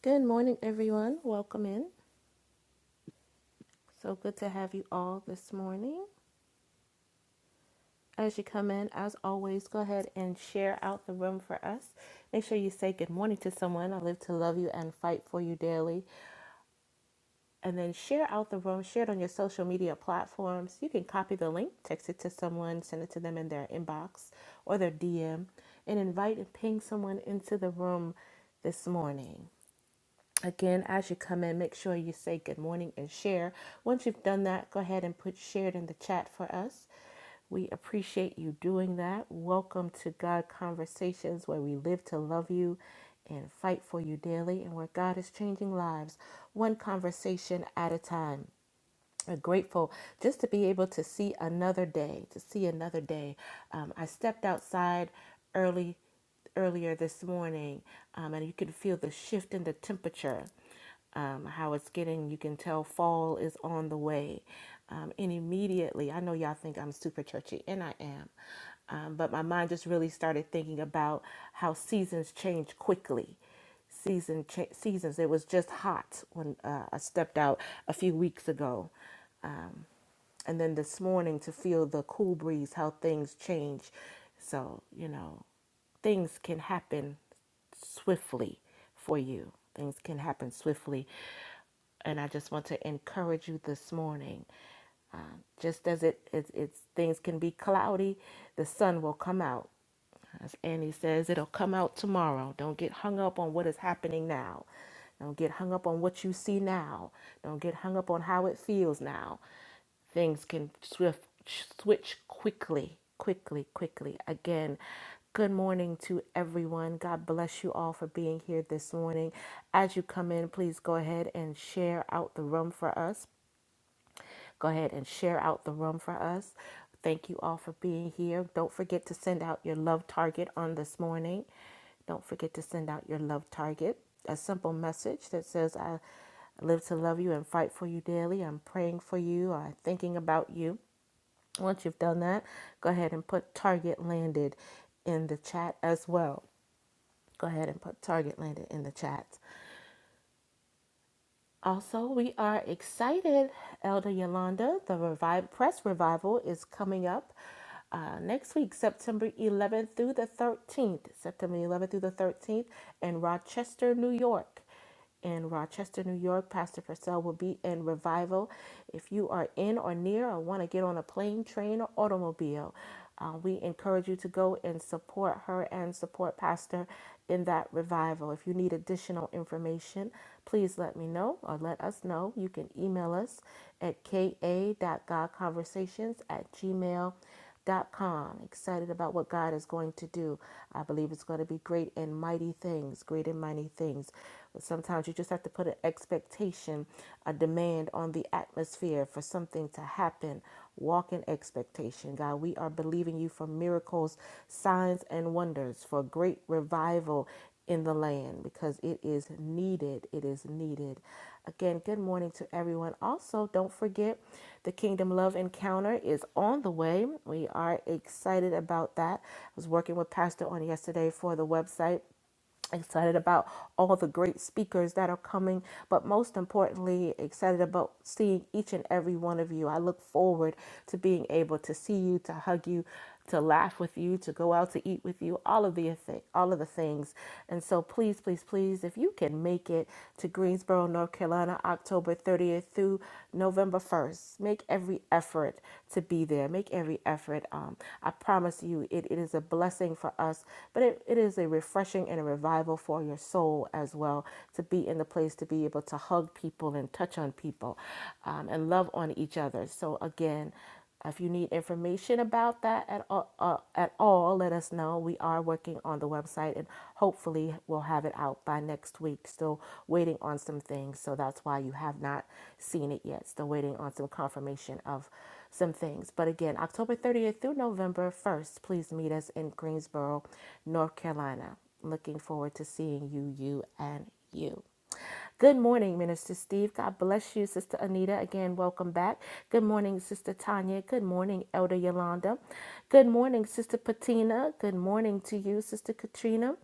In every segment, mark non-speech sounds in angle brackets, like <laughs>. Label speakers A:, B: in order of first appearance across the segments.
A: Good morning, everyone. Welcome in. So good to have you all this morning. As you come in, as always, go ahead and share out the room for us. Make sure you say good morning to someone. I live to love you and fight for you daily. And then share out the room, share it on your social media platforms. You can copy the link, text it to someone, send it to them in their inbox or their DM, and invite and ping someone into the room this morning. Again, as you come in, make sure you say good morning and share. Once you've done that, go ahead and put shared in the chat for us. We appreciate you doing that. Welcome to God Conversations, where we live to love you and fight for you daily, and where God is changing lives one conversation at a time grateful just to be able to see another day, to see another day. Um, I stepped outside early earlier this morning, um, and you can feel the shift in the temperature. Um, how it's getting, you can tell fall is on the way. Um, and immediately, I know y'all think I'm super churchy, and I am, um, but my mind just really started thinking about how seasons change quickly season cha- seasons. It was just hot when uh, I stepped out a few weeks ago, and then this morning to feel the cool breeze, how things change. So, you know, things can happen swiftly for you. Things can happen swiftly. And I just want to encourage you this morning. Uh, just as it, it, it's things can be cloudy, the sun will come out as Annie says, it'll come out tomorrow. Don't get hung up on what is happening now. Don't get hung up on what you see now. Don't get hung up on how it feels now. Things can swift switch quickly, quickly, quickly. Again, good morning to everyone. God bless you all for being here this morning. As you come in, please go ahead and share out the room for us go ahead and share out the room for us. Thank you all for being here. Don't forget to send out your love target on this morning. Don't forget to send out your love target. A simple message that says, I live to love you and fight for you daily. I'm praying for you. I'm thinking about you. Once you've done that, go ahead and put target landed in the chat as well. Go ahead and put target landed in the chat. Also, we are excited, Elder Yolanda. The revive, press revival is coming up uh, next week, September 11th through the 13th. September 11th through the 13th in Rochester, New York. In Rochester, New York, Pastor Purcell will be in revival. If you are in or near or want to get on a plane, train, or automobile, uh, we encourage you to go and support her and support Pastor in that revival. If you need additional information, please let me know or let us know. You can email us at ka.godconversations at gmail.com. Excited about what God is going to do. I believe it's going to be great and mighty things, great and mighty things. But sometimes you just have to put an expectation, a demand on the atmosphere for something to happen Walk in expectation, God. We are believing you for miracles, signs, and wonders, for great revival in the land because it is needed. It is needed. Again, good morning to everyone. Also, don't forget the Kingdom Love Encounter is on the way. We are excited about that. I was working with Pastor on yesterday for the website excited about all the great speakers that are coming, but most importantly, excited about seeing each and every one of you. I look forward to being able to see you, to hug you, to laugh with you, to go out to eat with you, all of the thi- all of the things. And so please, please, please, if you can make it to Greensboro, North Carolina, October 30th through November 1st, make every effort to be there. Make every effort. Um, I promise you, it, it is a blessing for us, but it, it is a refreshing refreshing and a revival for your soul as well to be in the place to be able to hug people and touch on people um, and love on each other. So, again, if you need information about that at all, uh, at all, let us know. We are working on the website and hopefully we'll have it out by next week. Still waiting on some things, so that's why you have not seen it yet. Still waiting on some confirmation of some things. But again, October 30th through November 1st, please meet us in Greensboro, North Carolina. Looking forward to seeing you, you, and you. Good morning, Minister Steve. God bless you, Sister Anita. Again, welcome back. Good morning, Sister Tanya. Good morning, Elder Yolanda. Good morning, Sister Patina. Good morning to you, Sister Katrina.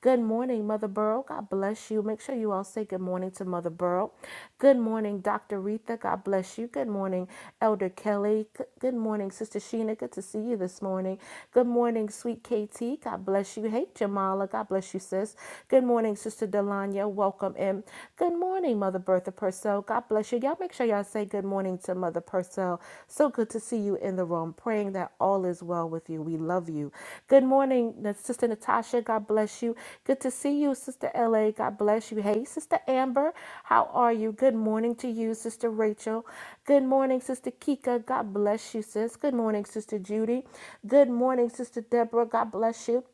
A: Good morning, Mother Burrow. God bless you. Make sure you all say good morning to Mother Burrow. Good morning, Dr. Retha. God bless you. Good morning, Elder Kelly. G- Good morning, Sister Sheena. Good to see you this morning. Good morning, sweet KT. God bless you. Hey, Jamala. God bless you, sis. Good morning, Sister Delanya. Welcome in. Good morning, Mother Bertha Purcell. God bless you. Y'all make sure y'all say good morning to Mother Purcell. So good to see you in the room. Praying that all is well with you. We love you. Good morning, Sister Natasha. God bless you. Good to see you, Sister LA. God bless you. Hey, Sister Amber. How are you? Good morning to you, Sister Rachel. Good morning, Sister Kika. God bless you, sis. Good morning, Sister Judy. Good morning, Sister Deborah. God bless you.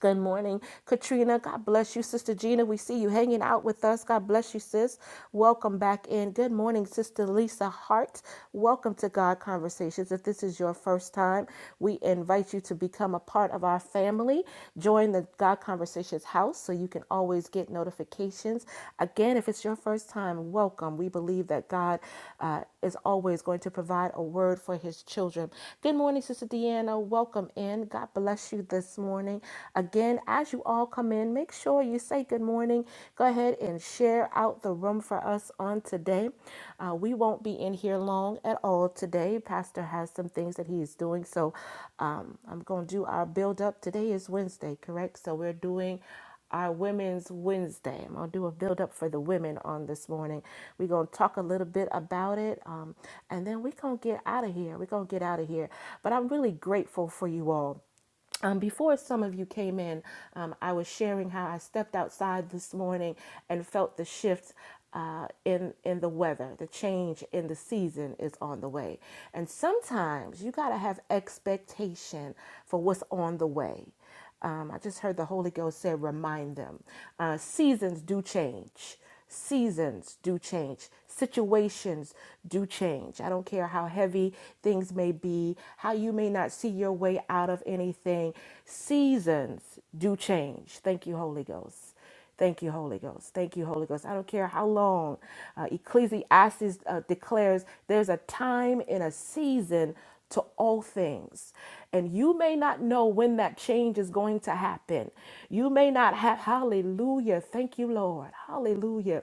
A: Good morning, Katrina. God bless you, Sister Gina. We see you hanging out with us. God bless you, sis. Welcome back in. Good morning, Sister Lisa Hart. Welcome to God Conversations. If this is your first time, we invite you to become a part of our family. Join the God Conversations house so you can always get notifications. Again, if it's your first time, welcome. We believe that God. uh, is always going to provide a word for his children. Good morning, Sister Deanna. Welcome in. God bless you this morning. Again, as you all come in, make sure you say good morning. Go ahead and share out the room for us on today. Uh, we won't be in here long at all today. Pastor has some things that he is doing. So um, I'm going to do our build up. Today is Wednesday, correct? So we're doing our Women's Wednesday. I'm gonna do a build up for the women on this morning. We're gonna talk a little bit about it, um, and then we're gonna get out of here. We're gonna get out of here. But I'm really grateful for you all. Um, before some of you came in, um, I was sharing how I stepped outside this morning and felt the shift uh, in in the weather. The change in the season is on the way, and sometimes you gotta have expectation for what's on the way. Um, I just heard the Holy Ghost say, remind them. Uh, seasons do change. Seasons do change. Situations do change. I don't care how heavy things may be, how you may not see your way out of anything. Seasons do change. Thank you, Holy Ghost. Thank you, Holy Ghost. Thank you, Holy Ghost. I don't care how long. Uh, Ecclesiastes uh, declares there's a time and a season to all things. And you may not know when that change is going to happen. You may not have, hallelujah. Thank you, Lord. Hallelujah.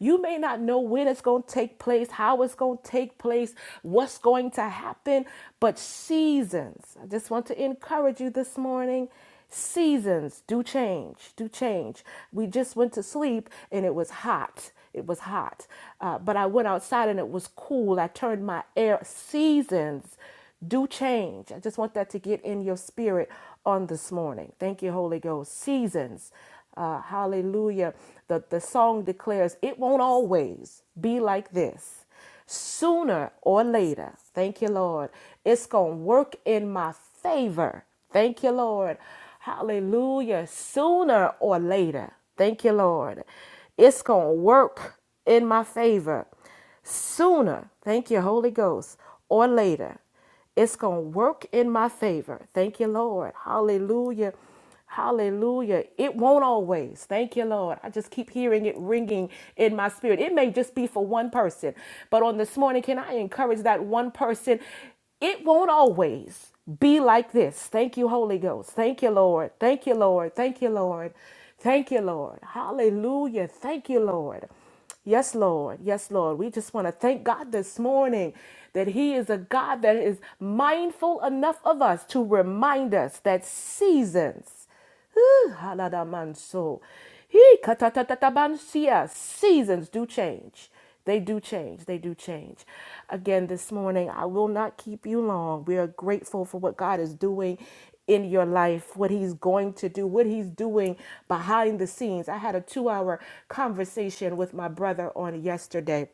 A: You may not know when it's going to take place, how it's going to take place, what's going to happen, but seasons. I just want to encourage you this morning Seasons do change, do change. We just went to sleep and it was hot. It was hot. Uh, but I went outside and it was cool. I turned my air. Seasons do change. I just want that to get in your spirit on this morning. Thank you, Holy Ghost. Seasons. Uh, hallelujah. The, the song declares, It won't always be like this sooner or later, thank you, Lord, it's going to work in my favor. Thank you, Lord. Hallelujah. Sooner or later, thank you, Lord, it's going to work in my favor. Sooner, thank you, Holy Ghost, or later, it's going to work in my favor. Thank you, Lord. Hallelujah. Hallelujah. It won't always. Thank you, Lord. I just keep hearing it ringing in my spirit. It may just be for one person, but on this morning, can I encourage that one person? It won't always be like this. Thank you, Holy Ghost. Thank you, Lord. Thank you, Lord. Thank you, Lord. Thank you, Lord. Hallelujah. Thank you, Lord. Yes, Lord. Yes, Lord. We just want to thank God this morning that He is a God that is mindful enough of us to remind us that seasons, whew, haladamanso, he katatatabansia, seasons do change. They do change. They do change. Again, this morning, I will not keep you long. We are grateful for what God is doing in your life, what He's going to do, what He's doing behind the scenes. I had a two hour conversation with my brother on yesterday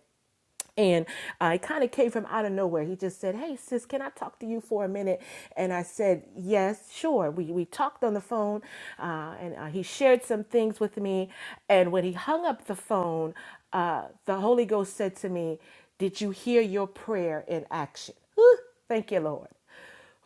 A: and uh, it kind of came from out of nowhere. He just said, "Hey, sis, can I talk to you for a minute?" And I said, "Yes, sure." We we talked on the phone, uh, and uh, he shared some things with me. And when he hung up the phone, uh, the Holy Ghost said to me, "Did you hear your prayer in action?" Whew, thank you, Lord.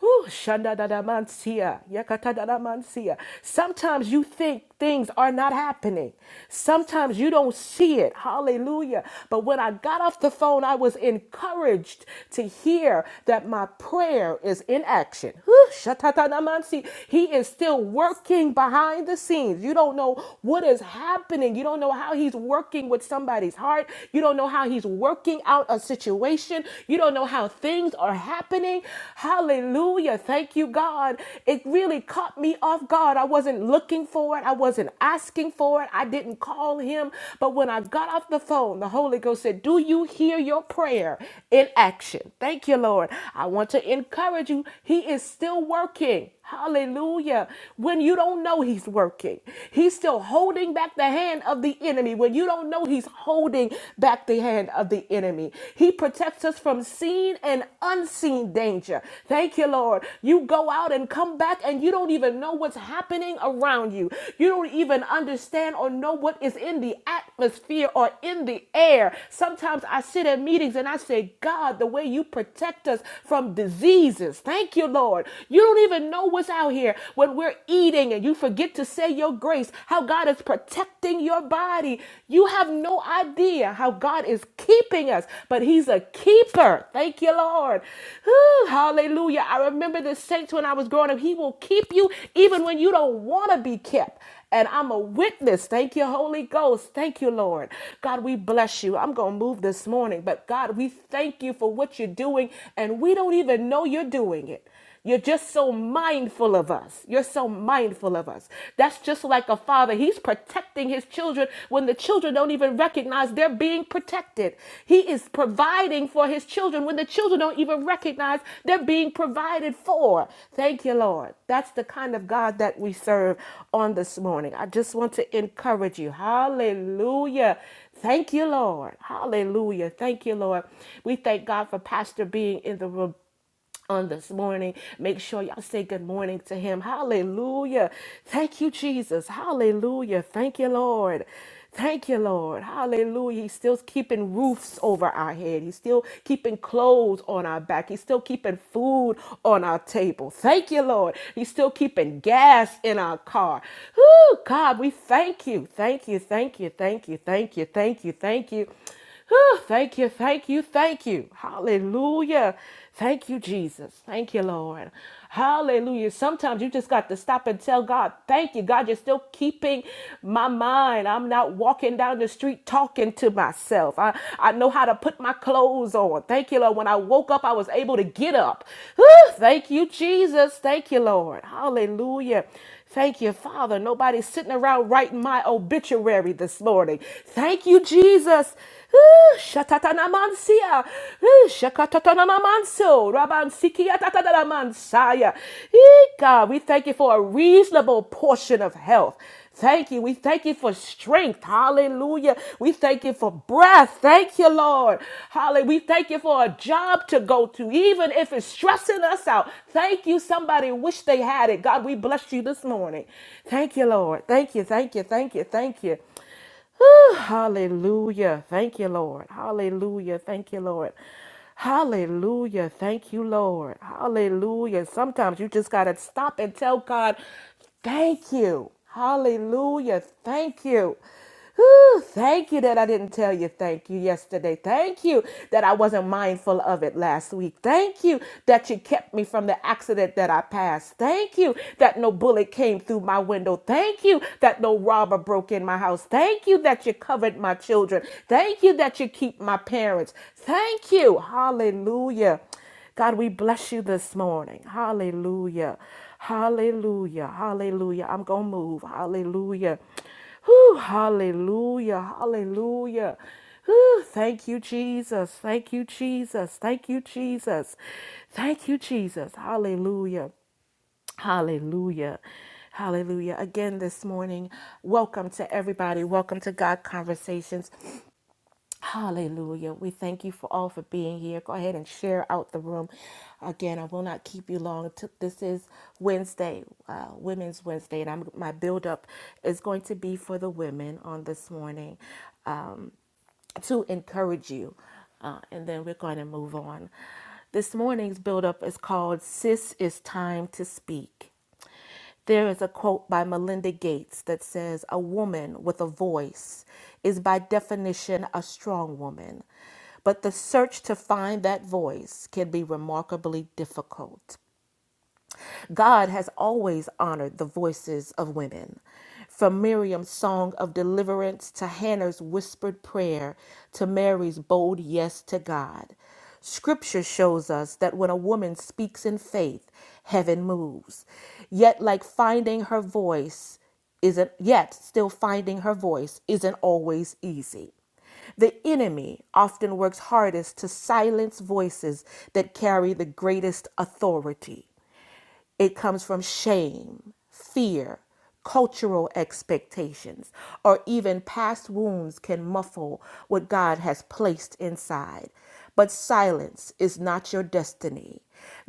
A: Whew, shandadadamansia, yakatadadamansia. Sometimes you think things are not happening. Sometimes you don't see it. Hallelujah. But when I got off the phone, I was encouraged to hear that my prayer is in action. Whew, shatatadamansi. He is still working behind the scenes. You don't know what is happening. You don't know how he's working with somebody's heart. You don't know how he's working out a situation situation. You don't know how things are happening. Hallelujah. Thank you, God. It really caught me off guard. I wasn't looking for it, I wasn't asking for it. I didn't call him. But when I got off the phone, the Holy Ghost said, Do you hear your prayer in action? Thank you, Lord. I want to encourage you. He is still working. Hallelujah. When you don't know he's working, he's still holding back the hand of the enemy. When you don't know he's holding back the hand of the enemy. He protects us from seen and unseen danger. Thank you, Lord. You go out and come back, and you don't even know what's happening around you. You don't even understand or know what is in the atmosphere or in the air. Sometimes I sit at meetings and I say, God, the way you protect us from diseases. Thank you, Lord. You don't even know what's out here when we're eating and you forget to say your grace. How how God is protecting your body. You have no idea how God is keeping us, but He's a keeper. Thank you, Lord. Whew, hallelujah. I remember the saints when I was growing up. He will keep you even when you don't want to be kept. And I'm a witness. Thank you, Holy Ghost. Thank you, Lord. God, we bless you. I'm going to move this morning, but God, we thank you for what you're doing, and we don't even know you're doing it. You're just so mindful of us. You're so mindful of us. That's just like a father. He's protecting his children when the children don't even recognize they're being protected. He is providing for his children when the children don't even recognize they're being provided for. Thank you, Lord. That's the kind of God that we serve on this morning. I just want to encourage you. Hallelujah. Thank you, Lord. Hallelujah. Thank you, Lord. We thank God for Pastor being in the room on this morning. Make sure y'all say good morning to him. Hallelujah. Thank you, Jesus. Hallelujah. Thank you, Lord. Thank you, Lord. Hallelujah. He's still keeping roofs over our head. He's still keeping clothes on our back. He's still keeping food on our table. Thank you, Lord. He's still keeping gas in our car. Whoo, God, we thank you. Thank you. Thank you. Thank you. Thank you. Thank you. Thank you. Whew, thank you, thank you, thank you. Hallelujah. Thank you, Jesus. Thank you, Lord. Hallelujah. Sometimes you just got to stop and tell God, thank you. God, you're still keeping my mind. I'm not walking down the street talking to myself. I, I know how to put my clothes on. Thank you, Lord. When I woke up, I was able to get up. Whew, thank you, Jesus. Thank you, Lord. Hallelujah. Thank you, Father. Nobody's sitting around writing my obituary this morning. Thank you, Jesus. Ooh, Shatatanamansia. Ooh, Shakatatanamanso. Rabansikiatatatamansaya. Ee, God, we thank you for a reasonable portion of health. Thank you. We thank you for strength. Hallelujah. We thank you for breath. Thank you, Lord. Hallelujah. We thank you for a job to go to, even if it's stressing us out. Thank you. Somebody wish they had it. God, we bless you this morning. Thank you, Lord. Thank you. Thank you. Thank you. Thank you. Whew, hallelujah. Thank you, Lord. Hallelujah. Thank you, Lord. Hallelujah. Thank you, Lord. Hallelujah. Sometimes you just got to stop and tell God, thank you. Hallelujah. Thank you. Whew, thank you that I didn't tell you thank you yesterday. Thank you that I wasn't mindful of it last week. Thank you that you kept me from the accident that I passed. Thank you that no bullet came through my window window. Thank you that no robber broke in my house. Thank you that you covered my children. Thank you that you keep my parents. Thank you. Hallelujah. God, we bless you this morning. Hallelujah. Hallelujah. Hallelujah. I'm going to move. Hallelujah. Whew, hallelujah. Hallelujah. Whew, thank you, Jesus. Thank you, Jesus. Thank you, Jesus. Thank you, Jesus. Hallelujah. Hallelujah. Hallelujah. Again this morning, welcome to everybody. Welcome to God Conversations. Hallelujah. We thank you for all for being here. Go ahead and share out the room. Again, I will not keep you long. T- This is Wednesday, uh, Women's Wednesday, and I'm, my build up is going to be for the women on this morning Um, to encourage you. Uh, and then we're going to move on. This morning's build up is called Sis It's Time to Speak. There is a quote by Melinda Gates that says, A woman with a voice is by definition a strong woman, but the search to find that voice can be remarkably difficult. God has always honored the voices of women. From Miriam's song of deliverance to Hannah's whispered prayer to Mary's bold yes to God. Scripture shows us that when a woman speaks in faith, heaven moves. Yet, like finding her voice isn't, yet still finding her voice isn't always easy. The enemy often works hardest to silence voices that carry the greatest authority. It comes from shame, fear, cultural expectations, or even past wounds can muffle what God has placed inside. But silence is not your destiny.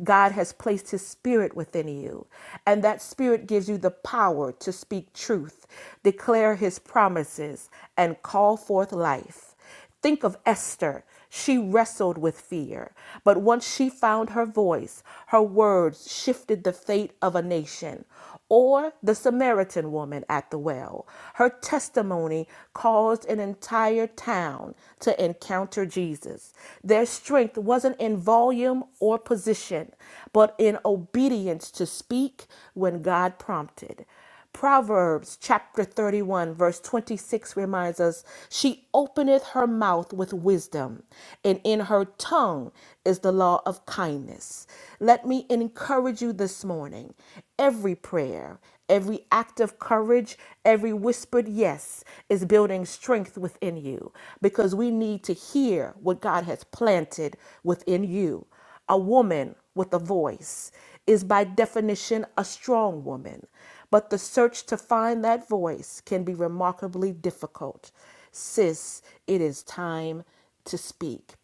A: God has placed his spirit within you, and that spirit gives you the power to speak truth, declare his promises, and call forth life. Think of Esther. She wrestled with fear, but once she found her voice, her words shifted the fate of a nation. Or the Samaritan woman at the well. Her testimony caused an entire town to encounter Jesus. Their strength wasn't in volume or position, but in obedience to speak when God prompted. Proverbs chapter 31, verse 26 reminds us She openeth her mouth with wisdom, and in her tongue is the law of kindness. Let me encourage you this morning every prayer, every act of courage, every whispered yes is building strength within you because we need to hear what God has planted within you. A woman with a voice is by definition a strong woman, but the search to find that voice can be remarkably difficult. Sis, it is time to speak.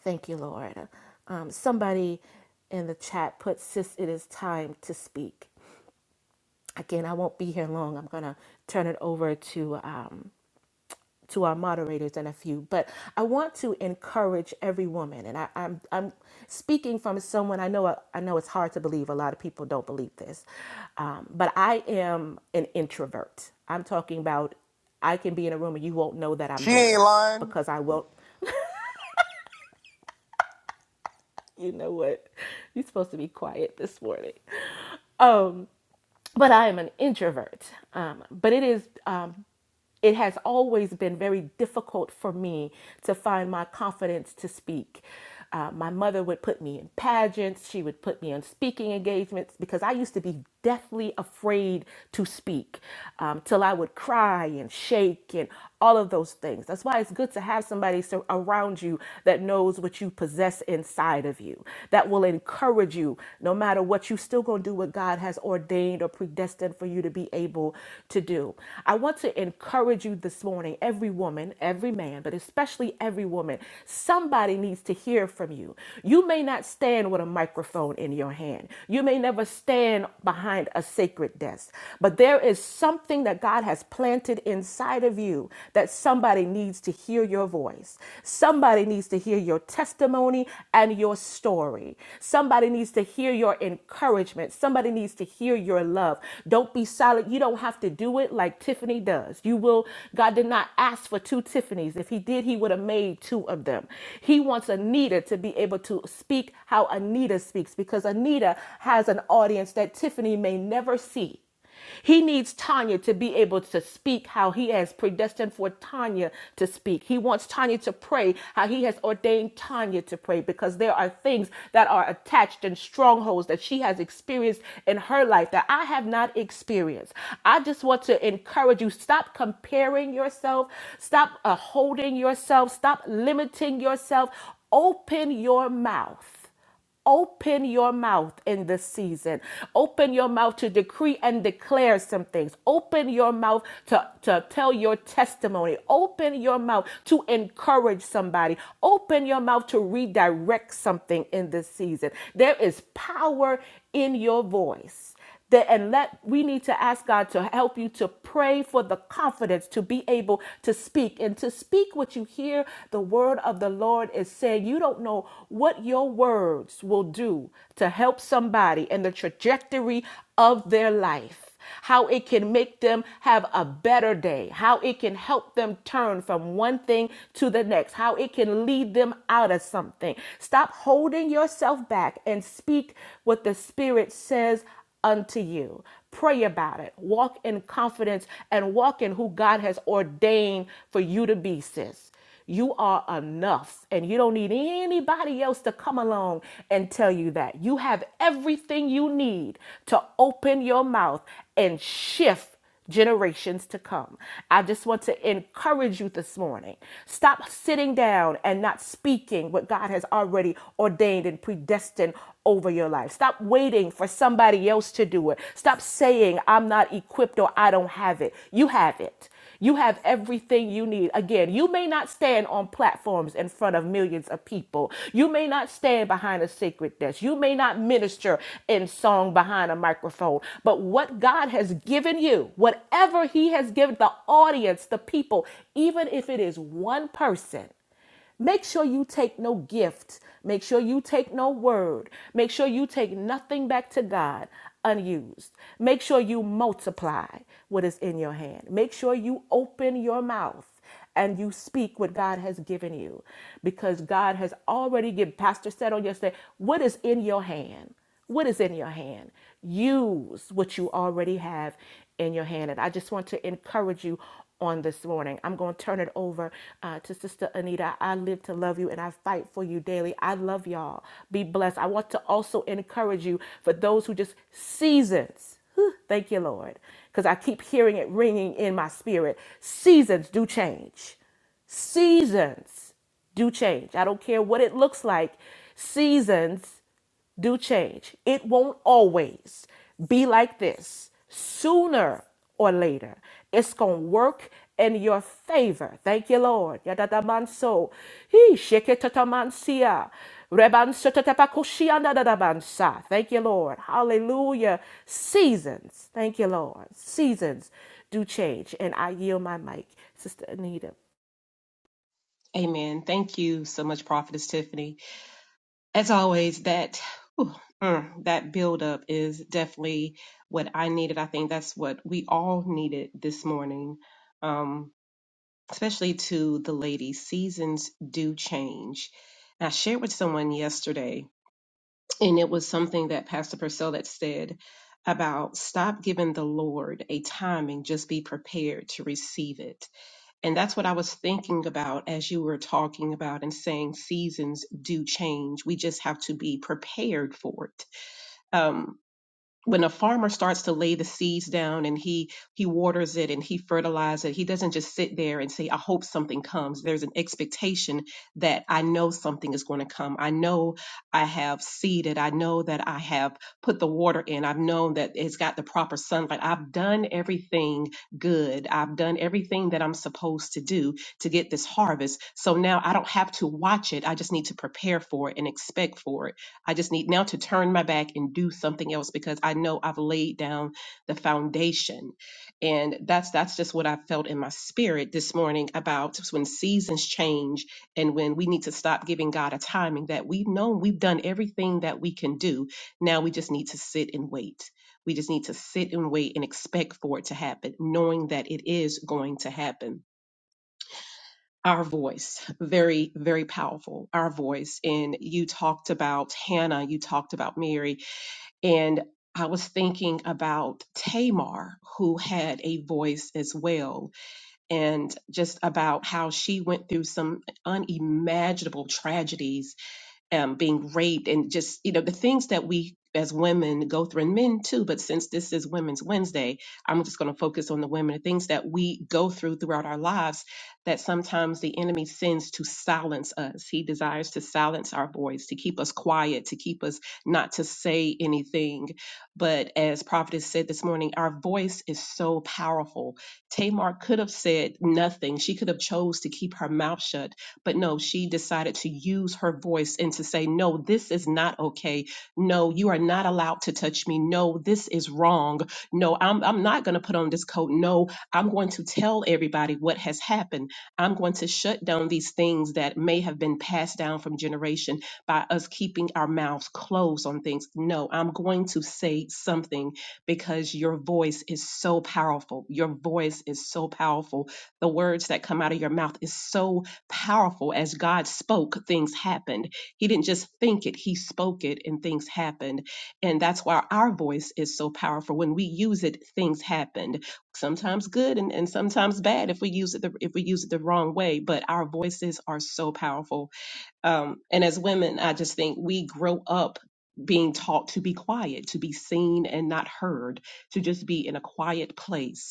A: Thank you, Lord. Um, somebody in the chat put, Sis, it is time to speak. Again, I won't be here long. I'm going to turn it over to. uh, to our moderators and a few, but I want to encourage every woman, and I, I'm I'm speaking from someone I know. I know it's hard to believe. A lot of people don't believe this, um, but I am an introvert. I'm talking about I can be in a room and you won't know that I'm
B: She ain't
A: there
B: lying.
A: because I won't. You know what? <laughs> You're supposed to be quiet this morning. but I am an introvert. Um, but it is, um, it has always been very difficult for me to find my confidence to speak. Uh, my mother would put me in pageants. She would put me on speaking engagements because I used to be deathly afraid to speak um, till I would cry and shake and all of those things. That's why it's good to have somebody so around you that knows what you possess inside of you of you, that will encourage you. No matter what, you still going to do what God has ordained or predestined for you to be able to do. I want to encourage you this morning, every woman, every man, but especially every woman. Somebody needs to hear from you. You may not stand with a microphone in your hand, you may never stand behind a sacred desk, but there is something that God has planted inside of you that somebody Somebody needs to hear your voice. Somebody needs to hear your testimony and your story. Somebody needs to hear your encouragement. Somebody needs to hear your love. Don't be silent. You don't have to do it like Tiffany does. You will, God did not ask for two Tiffanys. If He did, He would have made two of them. He wants Anita to be able to speak how Anita speaks because Anita has an audience that Tiffany may never see. He needs Tanya to be able to speak how he has predestined for Tanya to speak. He wants Tanya to pray how he has ordained Tanya to pray because there are things that are attached and strongholds that she has experienced in her life that I have not experienced. I just want to encourage you stop comparing yourself, stop uh, holding yourself, stop limiting yourself. Open your mouth. Open your mouth in this season. Open your mouth to decree and declare some things. Open your mouth to, to tell your testimony. Open your mouth to encourage somebody. Open your mouth to redirect something in this season. There is power in your voice that and let we need to ask God to help you to pray for the confidence to be able to speak and to speak what you hear the word of the Lord is saying you don't know what your words will do to help somebody in the trajectory of their life how it can make them have a better day, how it can help them turn from one thing to the next, how it can lead them out of something. Stop holding yourself back and speak what the Spirit says unto you. Pray about it. Walk in confidence and walk in who God has ordained for you to be, sis. You are enough, and you don't need anybody else to come along and tell you that. You have everything you need to open your mouth and shift generations to come. I just want to encourage you this morning. Stop sitting down and not speaking what God has already ordained and predestined over your life. Stop waiting for somebody else to do it. Stop saying, I'm not equipped or I don't have it. You have it. You have everything you need. Again, you may not stand on platforms in front of millions of people. You may not stand behind a sacred desk. You may not minister in song behind a microphone. But what God has given you, whatever He has given the audience, the people, even if it is one person, Make sure you take no gift. Make sure you take no word. Make sure you take nothing back to God unused. Make sure you multiply what is in your hand. Make sure you open your mouth and you speak what God has given you because God has already given. Pastor said on yesterday, what is in your hand? What is in your hand? Use what you already have in your hand. And I just want to encourage you on this morning. I'm going to turn it over uh, to Sister Anita. I live to love you and I fight for you daily. I love y'all. Be blessed. I want to also encourage you for those who just seasons. Whew, Thank you, Lord, because I keep hearing it ringing in my spirit. Seasons do change. Seasons do change. I don't care what it looks like. Seasons do change. It won't always be like this. Sooner or later, it's going to work in your favor. Thank you, Lord. Yadadamanso. He sheketatamansia. Rebansotatapakoshiana dadabansa. Thank you, Lord. Hallelujah. Seasons. Thank you, Lord. Seasons do change. And I yield my mic, Sister Anita.
C: Amen. Thank you so much, Prophetess Tiffany. As always, that whew, mm, that buildup is definitely what I needed. I think that's what we all needed this morning, um, especially to the ladies. Seasons do change. And I shared with someone yesterday, and it was something that Pastor Purcell had said about stop giving the Lord a timing, just be prepared to receive it and that's what I was thinking about as you were talking about and saying seasons do change. We just have to be prepared for it. Um, when a farmer starts to lay the seeds down and he he waters it and he fertilizes it he doesn't just sit there and say i hope something comes there's an expectation that i know something is going to come i know i have seeded i know that i have put the water in i've known that it's got the proper sunlight i've done everything good i've done everything that i'm supposed to do to get this harvest so now i don't have to watch it i just need to prepare for it and expect for it I just need now to turn my back and do something else because I know I've laid down the foundation. And that's that's just what I felt in my spirit this morning about when seasons change and when we need to stop giving God a timing that we've known we've done everything that we can do. Now we just need to sit and wait. We just need to sit and wait and expect for it to happen, knowing that it is going to happen our voice very very powerful our voice and you talked about hannah you talked about mary and i was thinking about tamar who had a voice as well and just about how she went through some unimaginable tragedies um, being raped and just you know the things that we as women go through and men too but since this is women's wednesday i'm just going to focus on the women the things that we go through throughout our lives that sometimes the enemy sends to silence us he desires to silence our voice to keep us quiet to keep us not to say anything but as prophetess said this morning our voice is so powerful tamar could have said nothing she could have chose to keep her mouth shut but no, she decided to use her voice and to say, No, this is not okay. No, you are not allowed to touch me. No, this is wrong. No, I'm, I'm not going to put on this coat. No, I'm going to tell everybody what has happened. I'm going to shut down these things that may have been passed down from generation by us keeping our mouths closed on things. No, I'm going to say something because your voice is so powerful. Your voice is so powerful. The words that come out of your mouth is so powerful. As God spoke, things happened. He didn't just think it, He spoke it, and things happened. And that's why our voice is so powerful. When we use it, things happened. Sometimes good and, and sometimes bad if we use it the, if we use it the wrong way. But our voices are so powerful. Um, and as women, I just think we grow up being taught to be quiet, to be seen and not heard, to just be in a quiet place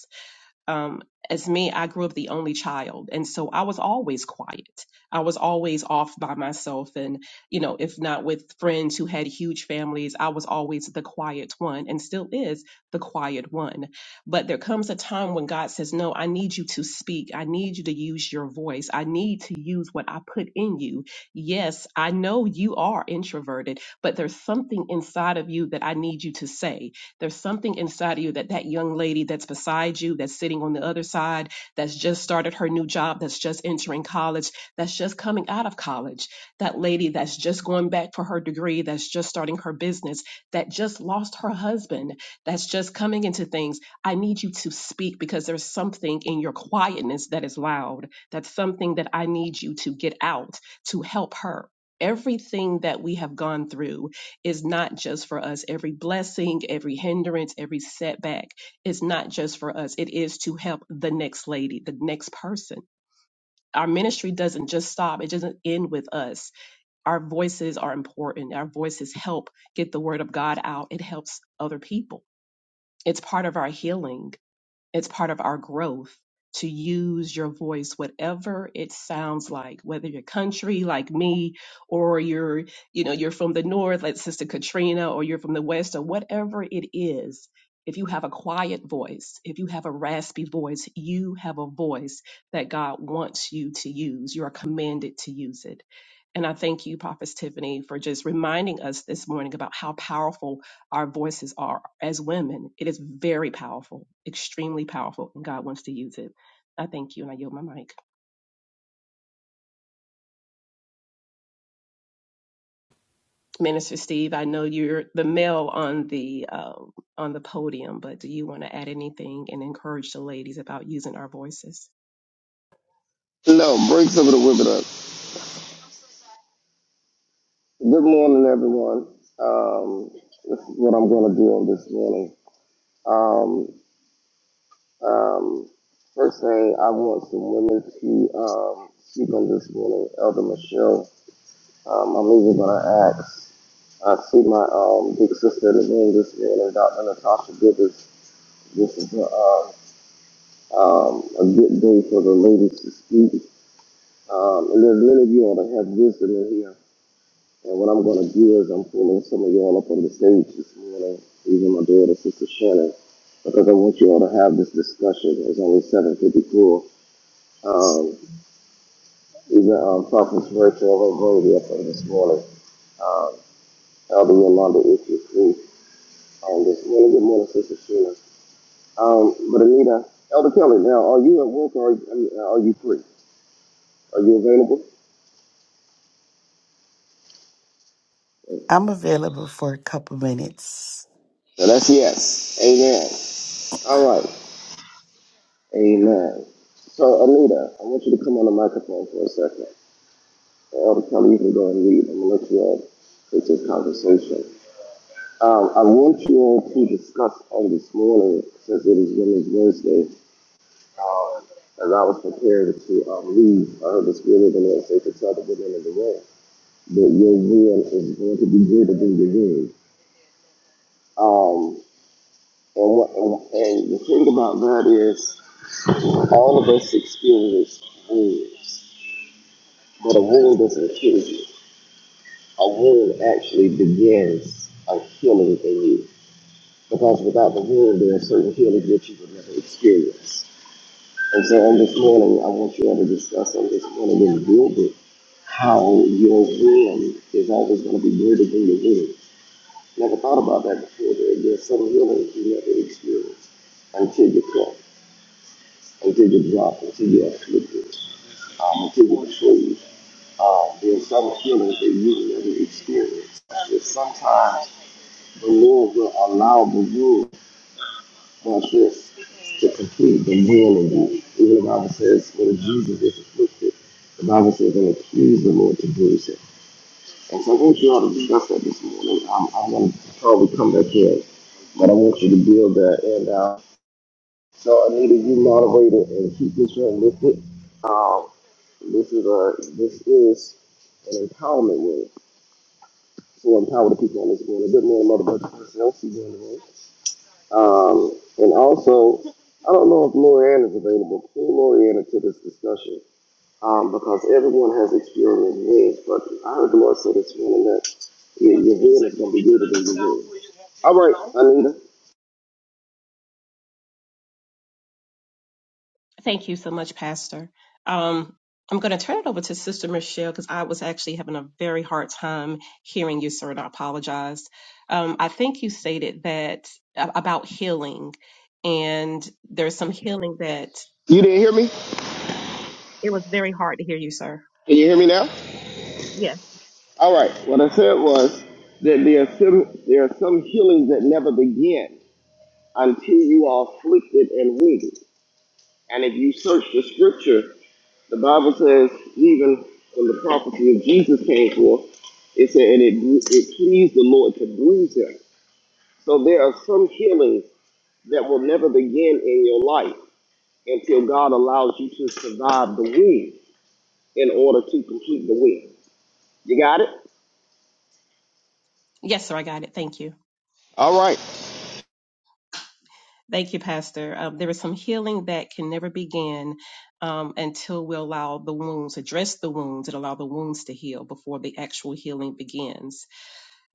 C: um, as me, I grew up the only child. And so I was always quiet. I was always off by myself. And, you know, if not with friends who had huge families, I was always the quiet one and still is the quiet one. But there comes a time when God says, No, I need you to speak. I need you to use your voice. I need to use what I put in you. Yes, I know you are introverted, but there's something inside of you that I need you to say there's something inside of you that that young lady that's beside you, that's sitting on the other side, that's just started her new job, that's just entering college, that's just coming out of college, that lady that's just going back for her degree, that's just starting her business, that just lost her husband, that's just coming into things. I need you to speak because there's something in your quietness that is loud. That's something that I need you to get out to help her. Everything that we have gone through is not just for us. Every blessing, every hindrance, every setback is not just for us. It is to help the next lady, the next person. Our ministry doesn't just stop, it doesn't end with us. Our voices are important. Our voices help get the word of God out, it helps other people. It's part of our healing it's part of our growth to use your voice, whatever it sounds like, whether you're country like me, or you're, you know, you're from the north like Sister Katrina, or you're from the west, or whatever it is. If you have a quiet voice, if you have a raspy voice, you have a voice that God wants you to use. You are commanded to use it. And I thank you, Prophet Tiffany, for just reminding us this morning about how powerful our voices are as women. It is very powerful, extremely powerful, and God wants to use it. I thank you, and I yield my mic. Minister Steve, I know you're the male on the uh, on the podium, but do you want to add anything and encourage the ladies about using our voices?
B: No, bring some of the women up. Good morning, everyone. Um, this is what I'm going to do on this morning. Um, um, first thing, I want some women to um, speak on this morning. Elder Michelle, um, I'm even going to ask. I see my um, big sister in the room this morning, Dr. Natasha Gibbons. This is a, um, um, a good day for the ladies to speak. Um, and there's many of you all that have wisdom in here. And what I'm going to do is I'm pulling some of you all up on the stage this morning, even my daughter, Sister Shannon, because I want you all to have this discussion. It's only 7.54. Um, even um, Prophet's Rachel I'm going to be up on this morning. Um, Elder Yolanda, if you're free on this morning. Good morning, Sister Sheena. Um, but Anita, Elder Kelly, now, are you at work or are, I are you free? Are you available?
D: I'm available for a couple minutes.
B: So that's yes. Amen. All right. Amen. So, Anita, I want you to come on the microphone for a second. Elder Kelly, you can go and read. I'm going to let you all take this conversation. Um, I want you all to discuss on this morning, since it is Women's Wednesday, um, as I was prepared to um, leave, I heard the Spirit of the Lord say to tell the women in the room that your win is going to be greater than your win. Um, and, what, and, and the thing about that is, all of us experience wounds. But a wound doesn't kill you. A wound actually begins a healing in you. Because without the wound, there are certain healings that you would never experience. And so on this morning, I want you all to discuss on this morning in building how your wound is always going to be greater than your wound. Never thought about that before. There, there are some healings you never experience until you come, until you drop, until you're afflicted, um, until you're betrayed. Um, there are some healings that you never experience. And sometimes The Lord will allow the rule process to complete the will of you. Even the Bible says when Jesus is afflicted, the Bible says and accuse the Lord to bruise him. And so I want you all to discuss that this morning. I'm, I'm going to probably come back here, but I want you to build that. And uh, so Anita, you moderate it and keep this one lifted. Um, this is a this is an empowerment room. So empower the people on this morning. Good morning, Mother Bird. Herself, she's in the room. Um, and also, I don't know if Lorianne is available. Pull Lorianne into this discussion um, because everyone has experienced wins. But I heard the Lord say this morning that your, your win is going to be greater than your win. All right, Anita.
C: Thank you so much, Pastor. Um, I'm going to turn it over to Sister Michelle because I was actually having a very hard time hearing you, sir, and I apologize. Um, I think you stated that a- about healing, and there's some healing that
B: You didn't hear me?
C: it was very hard to hear you, sir.
B: Can you hear me now?
C: Yes.
B: All right. What I said was that there are some, there are some healings that never begin until you are afflicted and wounded. And if you search the scripture, the Bible says even when the prophecy of Jesus came forth, it said, and it, it pleased the Lord to bruise him. So there are some healings that will never begin in your life until God allows you to survive the wound in order to complete the will. You got it?
C: Yes, sir, I got it. Thank you.
B: All right.
C: Thank you, Pastor. Um, there is some healing that can never begin um, until we allow the wounds, address the wounds, and allow the wounds to heal before the actual healing begins.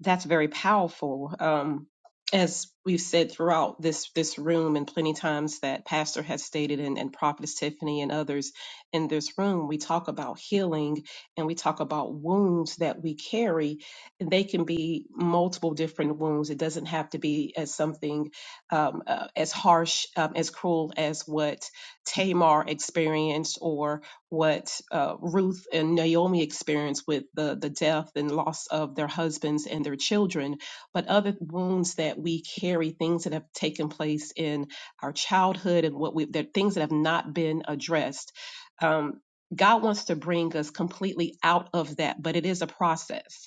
C: That's very powerful. Um, as we've said throughout this this room and plenty times that Pastor has stated and, and Prophetess Tiffany and others in this room, we talk about healing and we talk about wounds that we carry. And they can be multiple different wounds. It doesn't have to be as something um, uh, as harsh, um, as cruel as what Tamar experienced or what uh, Ruth and Naomi experienced with the, the death and loss of their husbands and their children, but other wounds that we carry, things that have taken place in our childhood and what we, that things that have not been addressed. Um, God wants to bring us completely out of that, but it is a process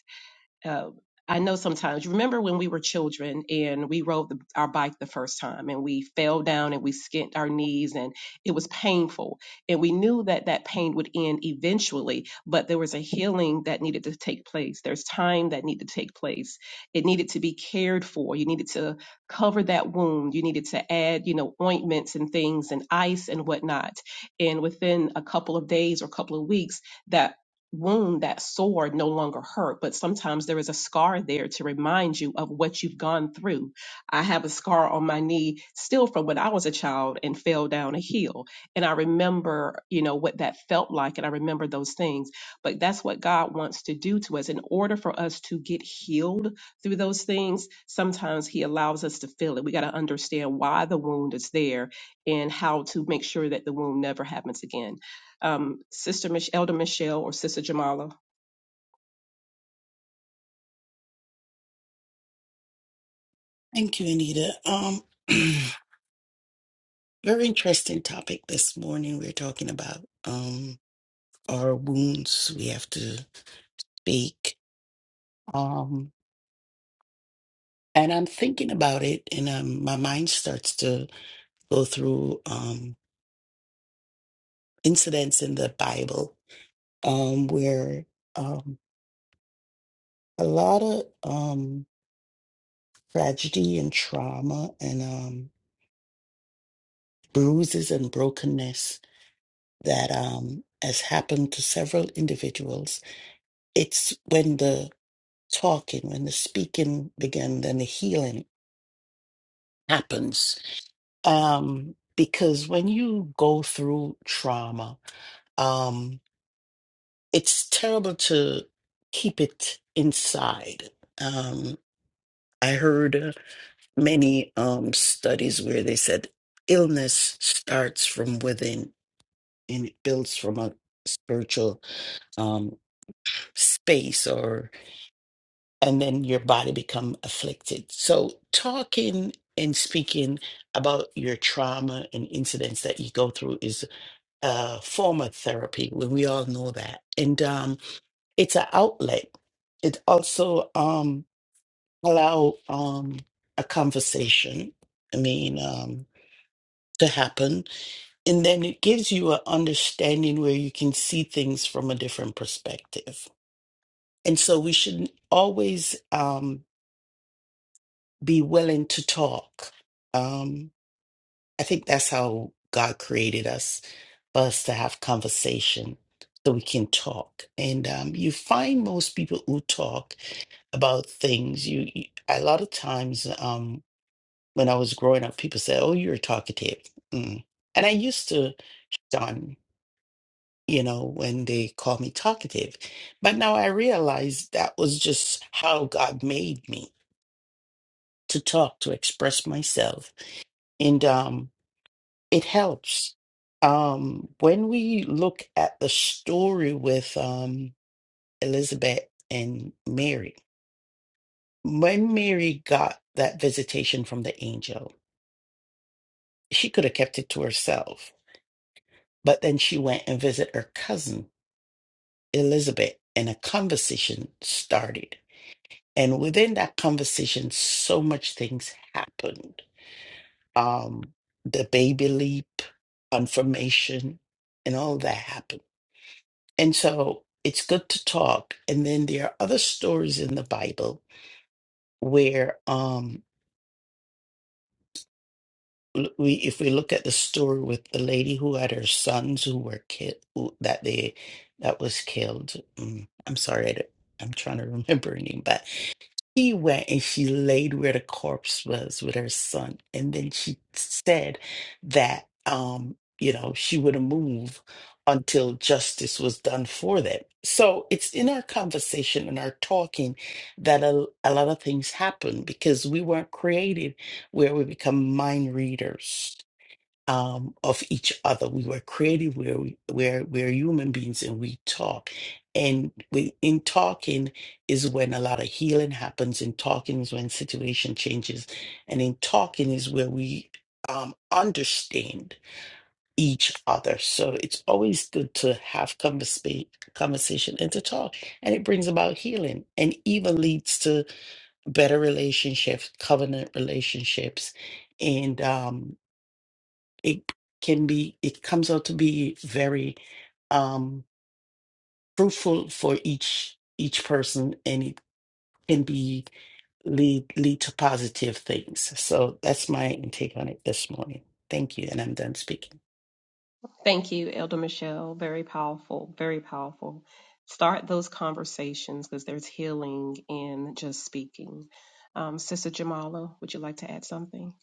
C: uh, I know sometimes you remember when we were children and we rode the, our bike the first time and we fell down and we skinned our knees and it was painful and we knew that that pain would end eventually but there was a healing that needed to take place there's time that needed to take place it needed to be cared for you needed to cover that wound you needed to add you know ointments and things and ice and whatnot and within a couple of days or couple of weeks that wound, that sore no longer hurt, but sometimes there is a scar there to remind you of what you've gone through. I have a scar on my knee still from when I was a child and fell down a hill. And I remember, you know, what that felt like. And I remember those things. But that's what God wants to do to us. In order for us to get healed through those things, sometimes He allows us to feel it. We got to understand why the wound is there and how to make sure that the wound never happens again um, Sister Mich- Elder Michelle or Sister Jamala.
D: Thank you, Anita. Um, <clears throat> very interesting topic this morning. We're talking about um our wounds we have to fake. Um, and I'm thinking about it, and um, my mind starts to go through um incidents in the Bible um where um a lot of um tragedy and trauma and um bruises and brokenness that um, has happened to several individuals. It's when the talking, when the speaking begins, then the healing happens. Um, because when you go through trauma, um, it's terrible to keep it inside. Um, I heard many um, studies where they said illness starts from within and it builds from a spiritual um, space or and then your body become afflicted so talking and speaking about your trauma and incidents that you go through is a form of therapy we we all know that and um, it's an outlet it also um, allow um, a conversation i mean um, to happen and then it gives you an understanding where you can see things from a different perspective and so we should always um, be willing to talk. Um, I think that's how God created us, for us to have conversation so we can talk. And um, you find most people who talk about things, you, you a lot of times um, when I was growing up, people say, oh, you're talkative. Mm. And I used to shun, you know, when they call me talkative. But now I realize that was just how God made me to talk, to express myself. And um, it helps. Um, when we look at the story with um, Elizabeth and Mary, when Mary got that visitation from the angel, she could have kept it to herself, but then she went and visited her cousin, Elizabeth, and a conversation started. And within that conversation, so much things happened. Um, the baby leap, confirmation, and all that happened. And so it's good to talk. And then there are other stories in the Bible where um l- we if we look at the story with the lady who had her sons who were killed who, that they that was killed. Mm, I'm sorry, I, don't- I'm trying to <laughs> remember her name, but She went and she laid where the corpse was with her son. And then she said that, um, you know, she wouldn't move until justice was done for them. So it's in our conversation and our talking that a, a lot of things happen because we weren't created where we become mind readers um, of each other. We were created where we where we're human beings and we talk. And we, in talking is when a lot of healing happens. In talking is when situation changes, and in talking is where we um, understand each other. So it's always good to have conversa- conversation and to talk, and it brings about healing, and even leads to better relationships, covenant relationships, and um, it can be it comes out to be very um fruitful for each each person and it can be lead lead to positive things so that's my take on it this morning thank you and i'm done speaking
C: Thank you, Elder Michelle. Very powerful, very powerful. Start those conversations because there's healing in just speaking. Um, Sister Jamala, would you like to add something?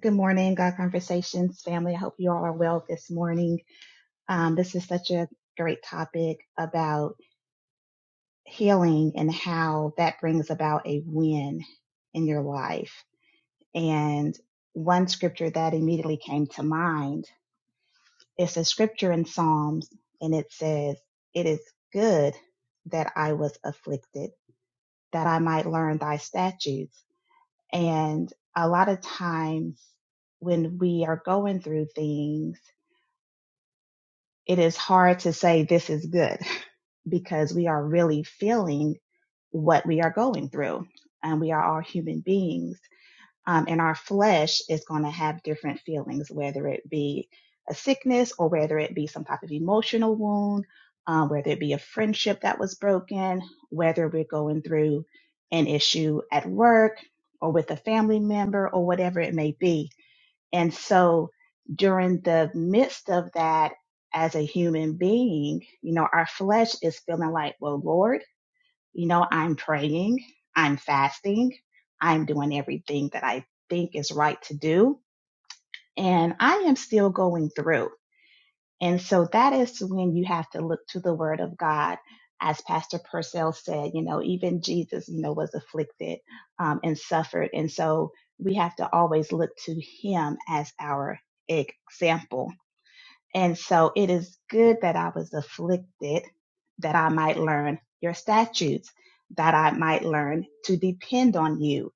E: Good morning, God Conversations family. I hope you all are well this morning. Um, this is such a great topic about healing and how that brings about a win in your life. And one scripture that immediately came to mind is a scripture in Psalms, and it says, It is good that I was afflicted, that I might learn thy statutes. And a lot of times when we are going through things, it is hard to say this is good <laughs> because we are really feeling what we are going through. And um, we are all human beings. Um, and our flesh is going to have different feelings, whether it be a sickness or whether it be some type of emotional wound, um, whether it be a friendship that was broken, whether we're going through an issue at work or with a family member or whatever it may be and so during the midst of that, as a human being, you know, our flesh is feeling like, well, Lord, you know, I'm praying, I'm fasting, I'm doing everything that I think is right to do, and I am still going through. And so that is when you have to look to the word of God. As Pastor Purcell said, you know, even Jesus, you know, was afflicted um, and suffered. And so we have to always look to him as our example. And so it is good that I was afflicted, that I might learn your statutes, that I might learn to depend on you,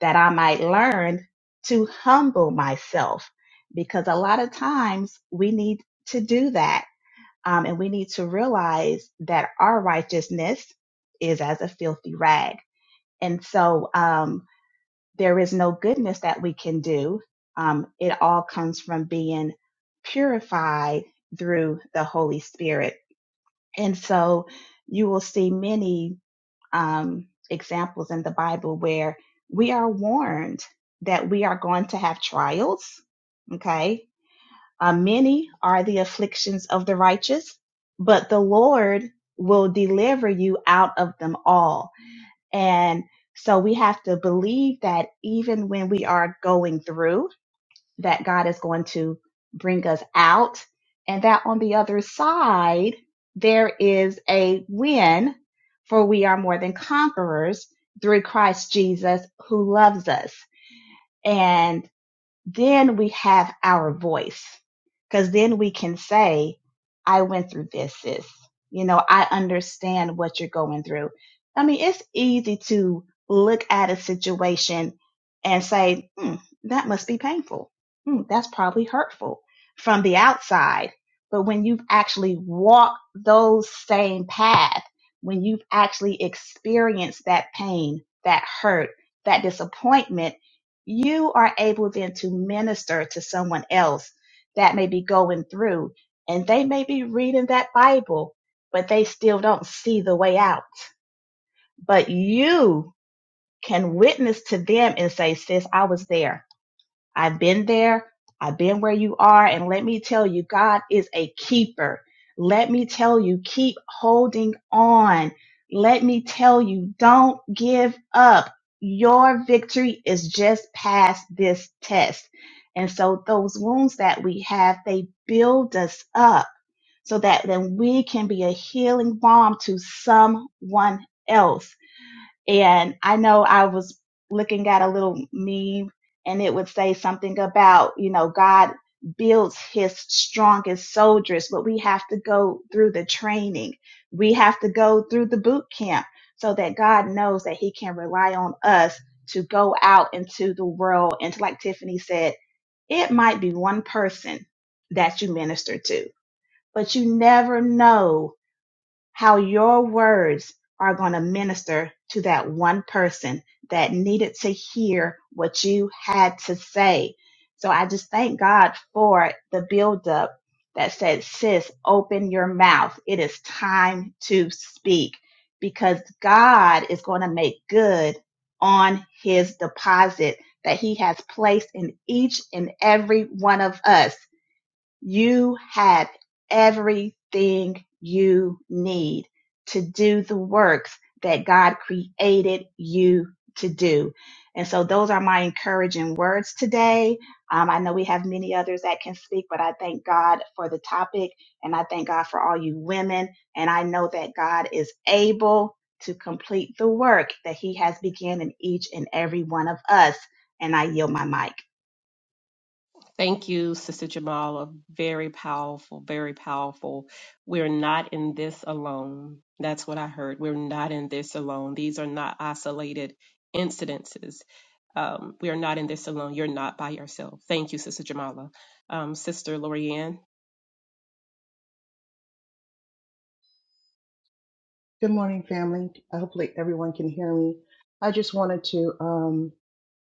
E: that I might learn to humble myself. Because a lot of times we need to do that um, and we need to realize that our righteousness is as a filthy rag. And so um, there is no goodness that we can do. Um, it all comes from being purified through the Holy Spirit. And so you will see many um, examples in the Bible where we are warned that we are going to have trials. Okay uh, many are the afflictions of the righteous, but the Lord will deliver you out of them all. And so we have to believe that even when we are going through, that God is going to bring us out and that on the other side, there is a win for we are more than conquerors through Christ Jesus who loves us. and then we have our voice because then we can say, I went through this, sis. You know, I understand what you're going through. I mean, it's easy to look at a situation and say, hmm, that must be painful. Hmm, that's probably hurtful from the outside. But when you've actually walked those same path, when you've actually experienced that pain, that hurt, that disappointment, you are able then to minister to someone else that may be going through and they may be reading that Bible, but they still don't see the way out. But you can witness to them and say, sis, I was there. I've been there. I've been where you are. And let me tell you, God is a keeper. Let me tell you, keep holding on. Let me tell you, don't give up. Your victory is just past this test. And so those wounds that we have, they build us up so that then we can be a healing balm to someone else and I know I was looking at a little meme and it would say something about, you know, God builds his strongest soldiers, but we have to go through the training. We have to go through the boot camp so that God knows that he can rely on us to go out into the world. And like Tiffany said, it might be one person that you minister to, but you never know how your words are going to minister to that one person that needed to hear what you had to say. So I just thank God for the buildup that said, sis, open your mouth. It is time to speak because God is going to make good on his deposit that he has placed in each and every one of us. You have everything you need to do the works that God created you to do. And so those are my encouraging words today. Um, I know we have many others that can speak, but I thank God for the topic and I thank God for all you women. And I know that God is able to complete the work that he has begun in each and every one of us. And I yield my mic.
C: Thank you, Sister Jamala. Very powerful, very powerful. We're not in this alone. That's what I heard. We're not in this alone. These are not isolated incidences. Um, we are not in this alone. You're not by yourself. Thank you, Sister Jamala. um, Sister Lorianne.
F: Good morning, family. Hopefully, everyone can hear me. I just wanted to um,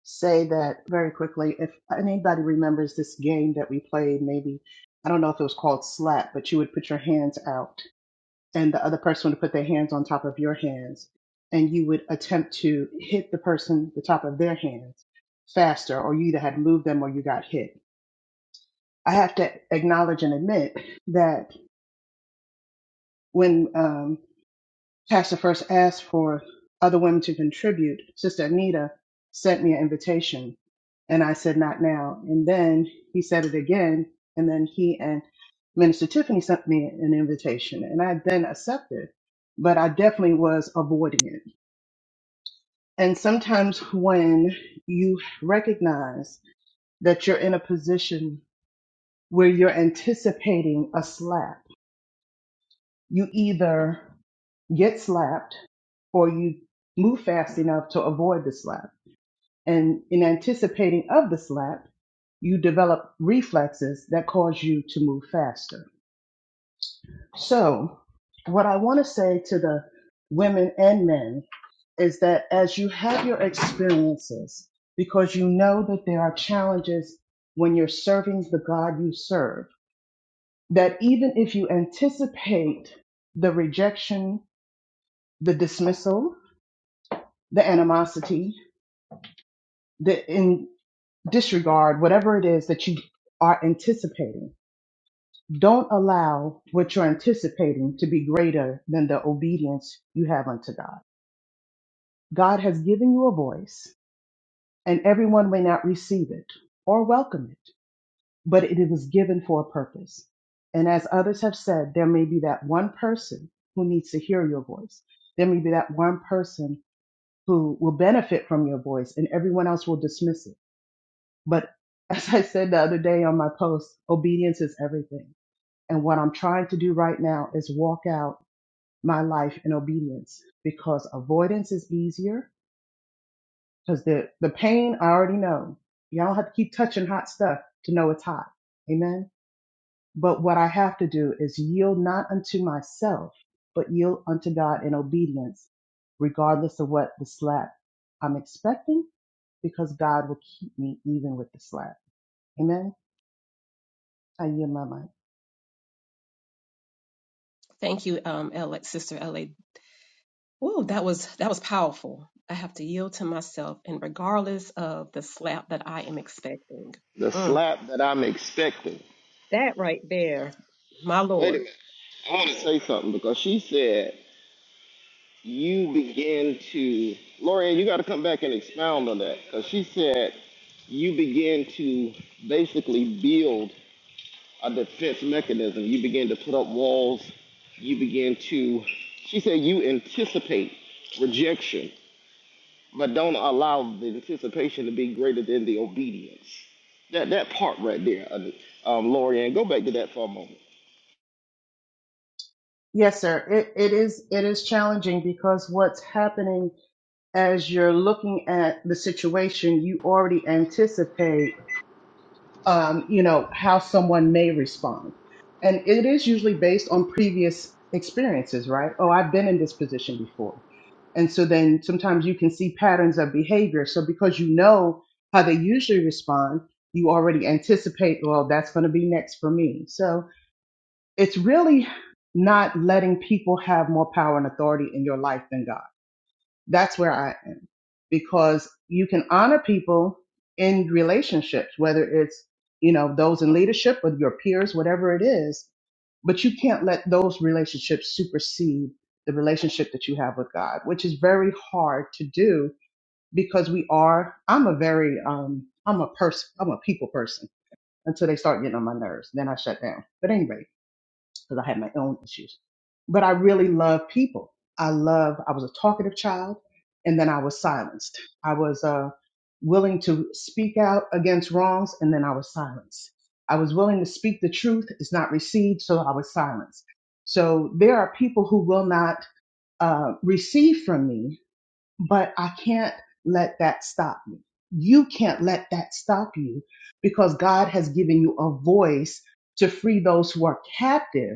F: say that very quickly. If anybody remembers this game that we played, maybe I don't know if it was called slap, but you would put your hands out, and the other person would put their hands on top of your hands, and you would attempt to hit the person the top of their hands faster, or you either had moved them or you got hit. I have to acknowledge and admit that when um, Pastor first asked for other women to contribute, Sister Anita sent me an invitation, and I said, not now. And then he said it again, and then he and Minister Tiffany sent me an invitation, and I then accepted, but I definitely was avoiding it. And sometimes when you recognize that you're in a position where you're anticipating a slap, you either get slapped or you move fast enough to avoid the slap. And in anticipating of the slap, you develop reflexes that cause you to move faster. So, what I want to say to the women and men is that as you have your experiences, because you know that there are challenges when you're serving the God you serve, that even if you anticipate the rejection, the dismissal, the animosity, the in disregard, whatever it is that you are anticipating. Don't allow what you're anticipating to be greater than the obedience you have unto God. God has given you a voice, and everyone may not receive it or welcome it, but it was given for a purpose. And as others have said, there may be that one person who needs to hear your voice. There may be that one person who will benefit from your voice, and everyone else will dismiss it But <laughs> as I said the other day on my post, obedience is everything. And what I'm trying to do right now is walk out my life in obedience because avoidance is easier because the, the pain I already know. Y'all don't have to keep touching hot stuff to know it's hot. Amen. But what I have to do is yield not unto myself, but yield unto God in obedience, regardless of what the slap I'm expecting, because God will keep me even with the slap. Amen. I yield my mind.
C: Thank you, um, LA, Sister LA. Oh, that was that was powerful. I have to yield to myself, and regardless of the slap that I am expecting,
B: The
C: Mm,
B: slap that I'm expecting.
C: that right there, my
B: Wait a
C: Lord.
B: minute. I want to say something because she said you begin to, Loriann, you got to come back and expound on that because she said you begin to basically build a defense mechanism. You begin to put up walls. You begin to, she said, you anticipate rejection, but don't allow the anticipation to be greater than the obedience. That that part right there, uh, um, Loriann, go back to that for a moment.
F: Yes, sir. It, it is it is challenging because what's happening as you're looking at the situation, you already anticipate, um, you know, how someone may respond, and it is usually based on previous experiences, right? Oh, I've been in this position before, and so then sometimes you can see patterns of behavior. So because you know how they usually respond, you already anticipate, well, that's going to be next for me. So it's really not letting people have more power and authority in your life than God. That's where I am because you can honor people in relationships, whether it's, you know, those in leadership or your peers, whatever it is, but you can't let those relationships supersede the relationship that you have with God, which is very hard to do because we are, I'm a very, um, I'm a person, I'm a people person until they start getting on my nerves. Then I shut down. But anyway, because I had my own issues. But I really love people. I love, I was a talkative child and then I was silenced. I was uh, willing to speak out against wrongs and then I was silenced. I was willing to speak the truth, it's not received, so I was silenced. So there are people who will not uh, receive from me, but I can't let that stop me. You can't let that stop you because God has given you a voice to free those who are captive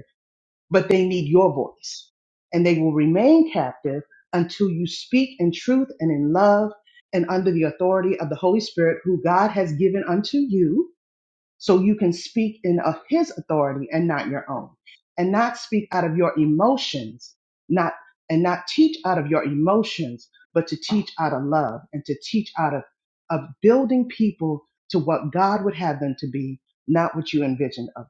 F: but they need your voice. And they will remain captive until you speak in truth and in love and under the authority of the Holy Spirit, who God has given unto you, so you can speak in of his authority and not your own. And not speak out of your emotions, not and not teach out of your emotions, but to teach out of love and to teach out of, of building people to what God would have them to be, not what you envisioned of them.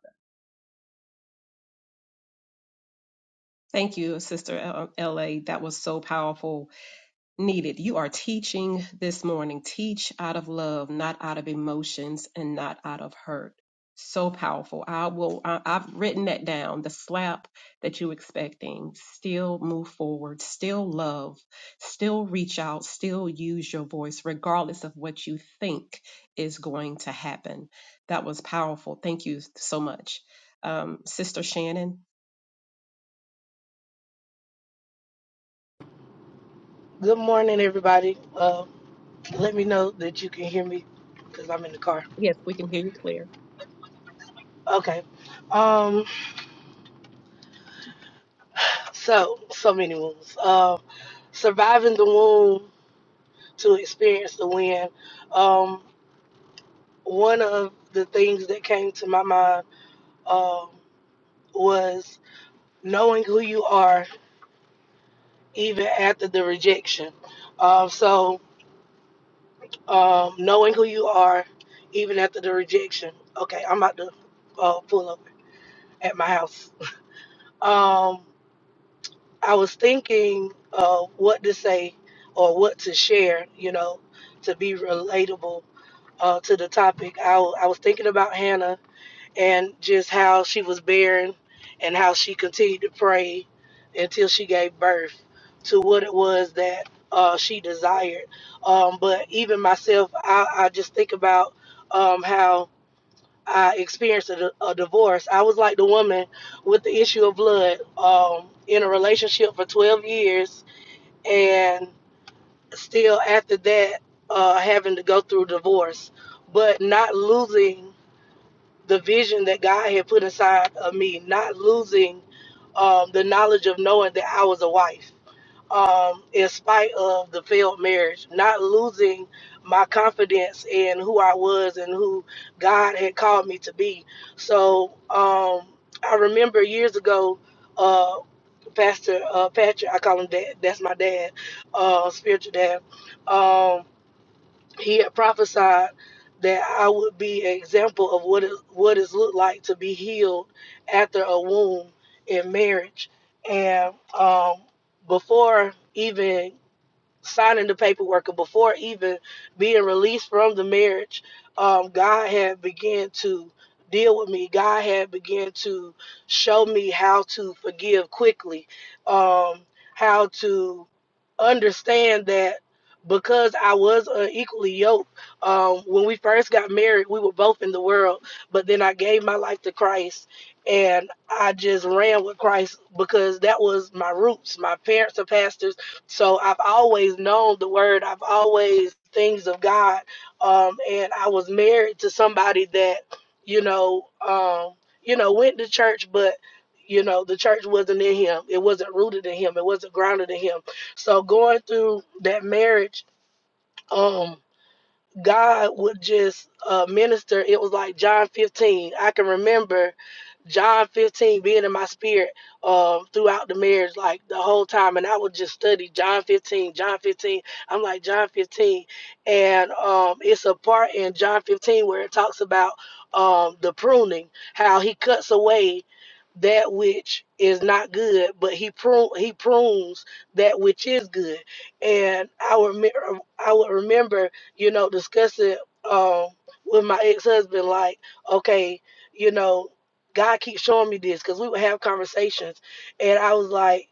C: Thank you, Sister L- LA. That was so powerful. Needed. You are teaching this morning. Teach out of love, not out of emotions and not out of hurt. So powerful. I will, I, I've written that down. The slap that you expecting. Still move forward. Still love. Still reach out. Still use your voice, regardless of what you think is going to happen. That was powerful. Thank you so much. Um, Sister Shannon.
G: Good morning, everybody. Uh, let me know that you can hear me because I'm in the car.
C: Yes, we can hear you clear.
G: Okay. Um, so, so many wounds. Um, surviving the wound to experience the win. Um, one of the things that came to my mind um, was knowing who you are even after the rejection. Um, so, um, knowing who you are even after the rejection. Okay, I'm about to uh, pull up at my house. Um, I was thinking of what to say or what to share, you know, to be relatable uh, to the topic. I, w- I was thinking about Hannah and just how she was barren and how she continued to pray until she gave birth to what it was that uh, she desired. Um, but even myself, I, I just think about um, how I experienced a, a divorce. I was like the woman with the issue of blood um, in a relationship for 12 years, and still after that, uh, having to go through divorce, but not losing the vision that God had put inside of me, not losing um, the knowledge of knowing that I was a wife um, in spite of the failed marriage, not losing my confidence in who I was and who God had called me to be. So um, I remember years ago, uh, Pastor uh, Patrick, I call him dad, that's my dad, uh, spiritual dad. um, he had prophesied that I would be an example of what it what it's looked like to be healed after a womb in marriage. And um, before even signing the paperwork and before even being released from the marriage um, god had began to deal with me god had began to show me how to forgive quickly um, how to understand that because I was unequally yoked, um, when we first got married, we were both in the world. But then I gave my life to Christ, and I just ran with Christ because that was my roots. My parents are pastors so I've always known the word. I've always things of God. Um, and I was married to somebody that, you know, um, you know, went to church, but you know, the church wasn't in him. It wasn't rooted in him. It wasn't grounded in him. So going through that marriage, um, God would just uh, minister. It was like John 15. I can remember John 15 being in my spirit uh, throughout the marriage, like the whole time. And I would just study John 15, John 15. I'm like, John 15. And um, it's a part in John 15 where it talks about um, the pruning, how he cuts away that which is not good, but he prune he prunes that which is good. And I remember I would remember you know, discuss it um with my ex husband, like, okay, you know, God keeps showing me this because we would have conversations and I was like,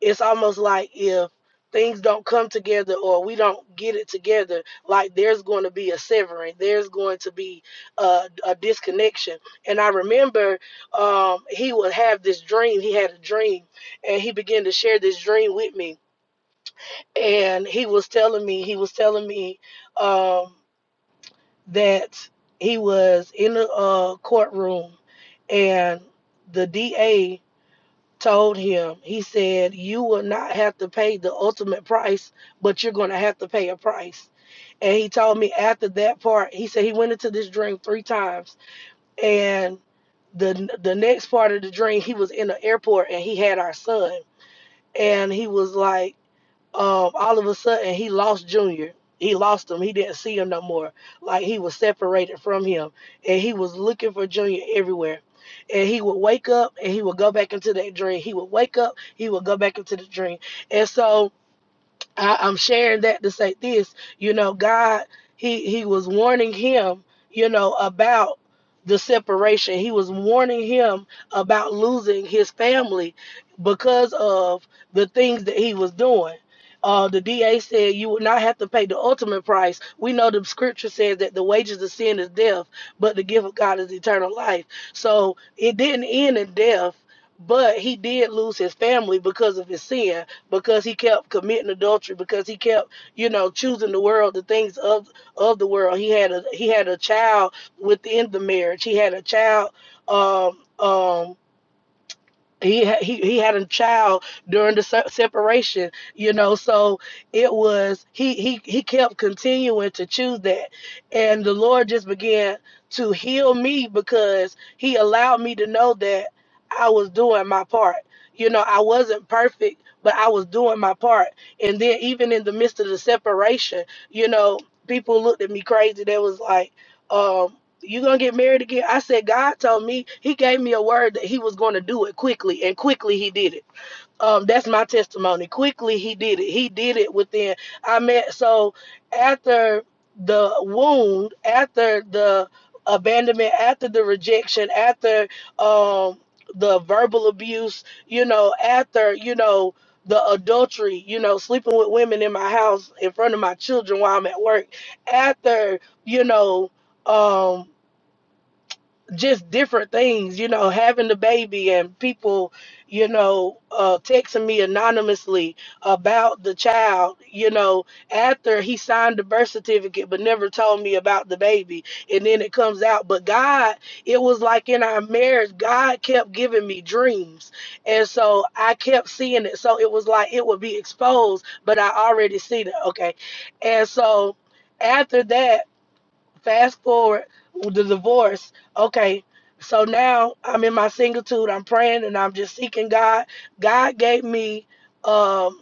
G: it's almost like if things don't come together or we don't get it together, like there's going to be a severing, there's going to be a, a disconnection. And I remember um, he would have this dream. He had a dream and he began to share this dream with me. And he was telling me, he was telling me, um, that he was in the uh, courtroom and the DA told him, he said, You will not have to pay the ultimate price, but you're going to have to pay a price. And he told me after that part, he said he went into this dream three times. And the the next part of the dream, he was in the airport and he had our son. And he was like, um, all of a sudden he lost Junior. He lost him. He didn't see him no more. Like he was separated from him, and he was looking for Junior everywhere. And he would wake up, and he would go back into that dream. He would wake up. He would go back into the dream. And so I, I'm sharing that to say this, you know, God, he he was warning him, you know, about the separation. He was warning him about losing his family because of the things that he was doing. Uh, the DA said you would not have to pay the ultimate price. We know the scripture says that the wages of sin is death, but the gift of God is eternal life. So it didn't end in death, but he did lose his family because of his sin because he kept committing adultery, because he kept, you know, choosing the world, the things of of the world. He had a he had a child within the marriage. He had a child um um he ha- he he had a child during the se- separation you know so it was he he he kept continuing to choose that and the lord just began to heal me because he allowed me to know that i was doing my part you know i wasn't perfect but i was doing my part and then even in the midst of the separation you know people looked at me crazy they was like um, you gonna get married again? I said, God told me, He gave me a word that He was gonna do it quickly, and quickly He did it. Um, that's my testimony. Quickly He did it. He did it within. I met so after the wound, after the abandonment, after the rejection, after um the verbal abuse, you know, after you know the adultery, you know, sleeping with women in my house in front of my children while I'm at work, after you know um just different things, you know, having the baby and people, you know, uh, texting me anonymously about the child, you know, after he signed the birth certificate but never told me about the baby. And then it comes out. But God, it was like in our marriage, God kept giving me dreams. And so I kept seeing it. So it was like it would be exposed, but I already seen it. Okay. And so after that, Fast forward with the divorce. Okay, so now I'm in my singletude. I'm praying and I'm just seeking God. God gave me. Um,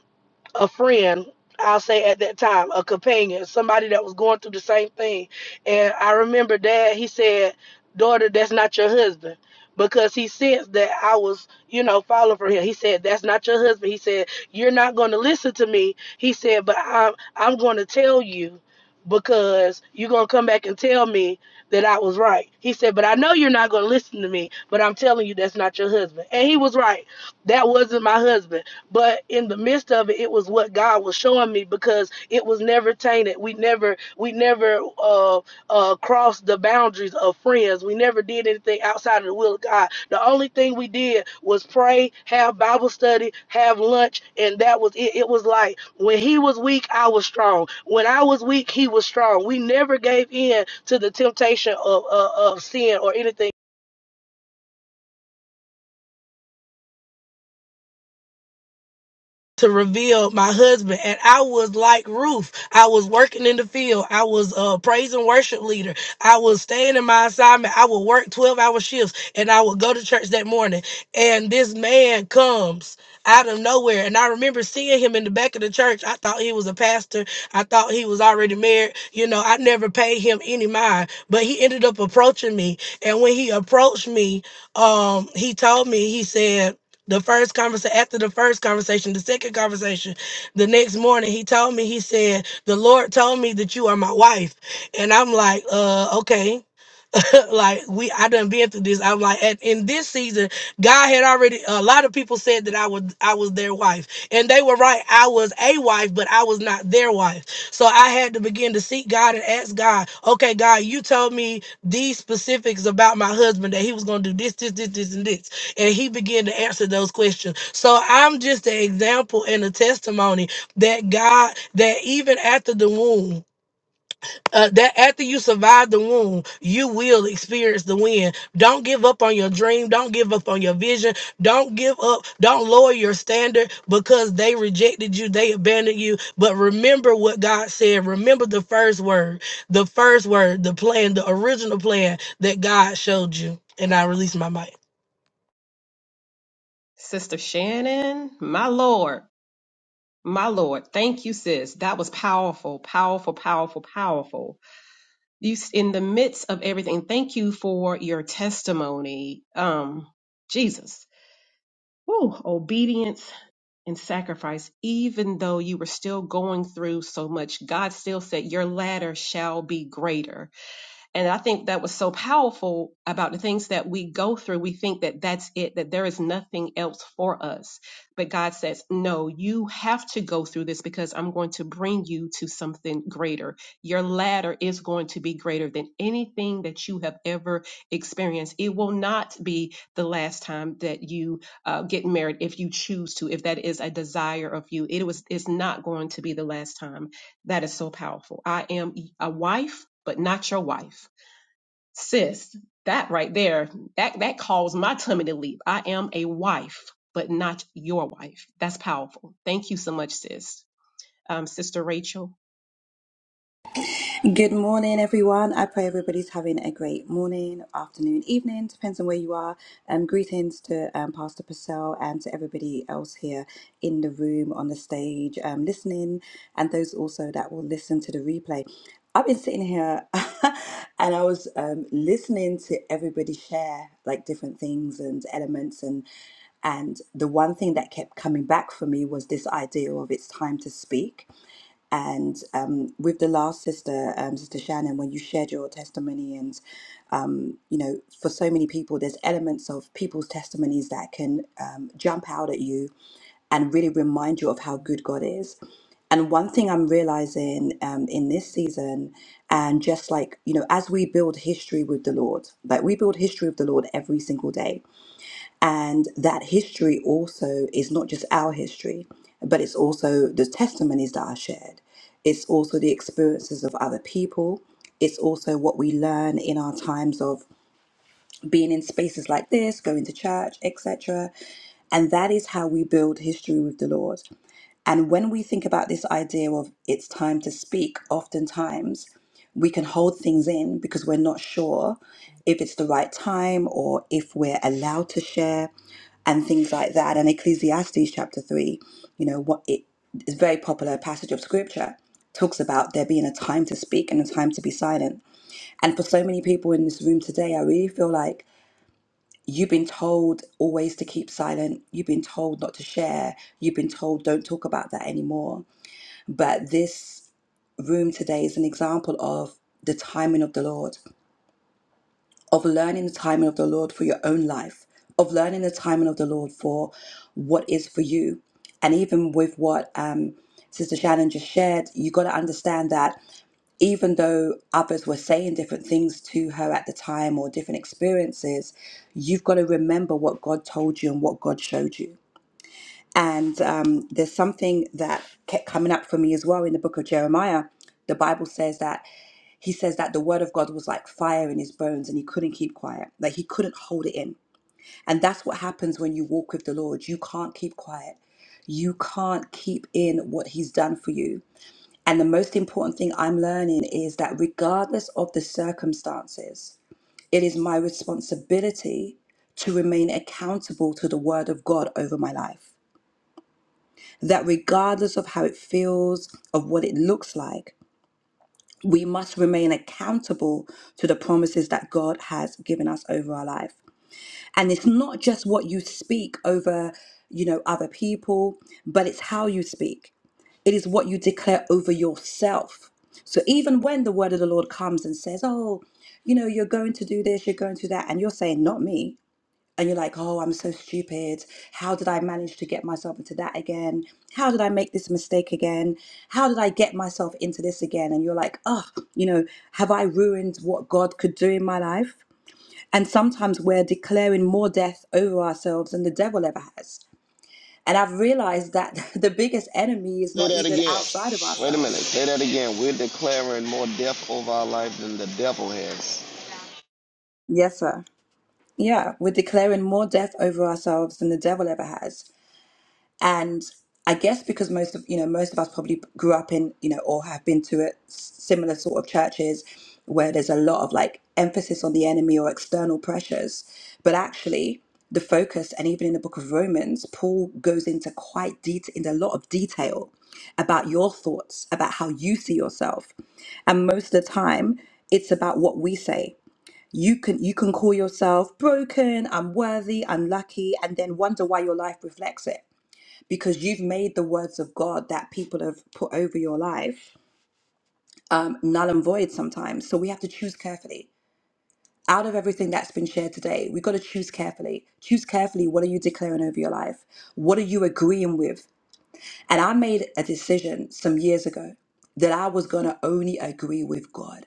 G: a friend i'll say at that time a companion somebody that was going through the same thing and i remember dad he said daughter that's not your husband because he sensed that i was you know falling for him he said that's not your husband he said you're not going to listen to me he said but i'm i'm going to tell you because you're going to come back and tell me that i was right he said but i know you're not going to listen to me but i'm telling you that's not your husband and he was right that wasn't my husband but in the midst of it, it was what God was showing me because it was never tainted. We never, we never uh, uh, crossed the boundaries of friends. We never did anything outside of the will of God. The only thing we did was pray, have Bible study, have lunch, and that was it. It was like when he was weak, I was strong. When I was weak, he was strong. We never gave in to the temptation of, of, of sin or anything to reveal my husband. And I was like Ruth. I was working in the field. I was a praise and worship leader. I was staying in my assignment. I would work 12 hour shifts and I would go to church that morning. And this man comes out of nowhere. And I remember seeing him in the back of the church. I thought he was a pastor. I thought he was already married. You know, I never paid him any mind, but he ended up approaching me. And when he approached me, um, he told me, he said, the first conversation, after the first conversation, the second conversation, the next morning, he told me, he said, The Lord told me that you are my wife. And I'm like, uh, okay. <laughs> like we I done been through this. I'm like at, in this season, God had already a lot of people said that I would I was their wife. And they were right. I was a wife, but I was not their wife. So I had to begin to seek God and ask God, okay, God, you told me these specifics about my husband that he was gonna do this, this, this, this, and this. And he began to answer those questions. So I'm just an example and a testimony that God that even after the womb uh, that after you survive the wound, you will experience the win. Don't give up on your dream. Don't give up on your vision. Don't give up. Don't lower your standard because they rejected you. They abandoned you. But remember what God said. Remember the first word, the first word, the plan, the original plan that God showed you. And I release my mic.
C: Sister Shannon, my Lord, my Lord, thank you, sis. That was powerful, powerful, powerful, powerful. You s- in the midst of everything. Thank you for your testimony. Um, Jesus, Woo, obedience and sacrifice. Even though you were still going through so much, God still said, "Your ladder shall be greater." And I think that was so powerful about the things that we go through. We think that that's it, that there is nothing else for us. But God says, no, you have to go through this because I'm going to bring you to something greater. Your ladder is going to be greater than anything that you have ever experienced. It will not be the last time that you uh, get married if you choose to, if that is a desire of you. It was, it's not going to be the last time. That is so powerful. I am a wife, but not your wife sis, that right there, that that caused my tummy to leap. I am a wife, but not your wife. That's powerful. Thank you so much, sis. Um, Sister Rachel.
H: Good morning, everyone. I pray everybody's having a great morning, afternoon, evening, depends on where you are. Um, greetings to um, Pastor Purcell and to everybody else here in the room, on the stage, um, listening, and those also that will listen to the replay. I've been sitting here <laughs> and I was um, listening to everybody share like different things and elements and and the one thing that kept coming back for me was this idea of it's time to speak and um, with the last sister, um, Sister Shannon, when you shared your testimony, and um, you know, for so many people, there's elements of people's testimonies that can um, jump out at you and really remind you of how good God is. And one thing I'm realizing um, in this season, and just like, you know, as we build history with the Lord, like we build history with the Lord every single day and that history also is not just our history, but it's also the testimonies that are shared. It's also the experiences of other people. It's also what we learn in our times of being in spaces like this, going to church, etc. And that is how we build history with the Lord. And when we think about this idea of it's time to speak, oftentimes we can hold things in because we're not sure if it's the right time or if we're allowed to share and things like that. And Ecclesiastes chapter 3, you know, what it is a very popular passage of scripture talks about there being a time to speak and a time to be silent. And for so many people in this room today, I really feel like You've been told always to keep silent. You've been told not to share. You've been told don't talk about that anymore. But this room today is an example of the timing of the Lord, of learning the timing of the Lord for your own life, of learning the timing of the Lord for what is for you. And even with what um, Sister Shannon just shared, you got to understand that even though others were saying different things to her at the time or different experiences, you've got to remember what God told you and what God showed you. And um, there's something that kept coming up for me as well in the book of Jeremiah. The Bible says that he says that the word of God was like fire in his bones and he couldn't keep quiet. Like he couldn't hold it in. And that's what happens when you walk with the Lord. You can't keep quiet. You can't keep in what he's done for you. And the most important thing I'm learning is that regardless of the circumstances, it is my responsibility to remain accountable to the word of God over my life. That regardless of how it feels, of what it looks like, we must remain accountable to the promises that God has given us over our life. And it's not just what you speak over, you know, other people, but it's how you speak. It is what you declare over yourself. So even when the word of the Lord comes and says, Oh, you know, you're going to do this, you're going to do that, and you're saying, Not me. And you're like, Oh, I'm so stupid. How did I manage to get myself into that again? How did I make this mistake again? How did I get myself into this again? And you're like, Oh, you know, have I ruined what God could do in my life? And sometimes we're declaring more death over ourselves than the devil ever has. And I've realized that <laughs> the biggest enemy is
B: Say
H: not
B: that
H: even
B: again.
H: outside of
B: Wait a minute.
H: ourselves.
B: Say that again. We're declaring more death over our life than the devil has.
H: Yes, sir. Yeah, we're declaring more death over ourselves than the devil ever has. And I guess because most of, you know, most of us probably grew up in, you know, or have been to a s- similar sort of churches where there's a lot of like emphasis on the enemy or external pressures. But actually, the focus, and even in the book of Romans, Paul goes into quite det in a lot of detail about your thoughts, about how you see yourself. and most of the time it's about what we say you can you can call yourself broken unworthy unlucky and then wonder why your life reflects it because you've made the words of god that people have put over your life null and void sometimes so we have to choose carefully out of everything that's been shared today we've got to choose carefully choose carefully what are you declaring over your life what are you agreeing with and i made a decision some years ago that i was going to only agree with god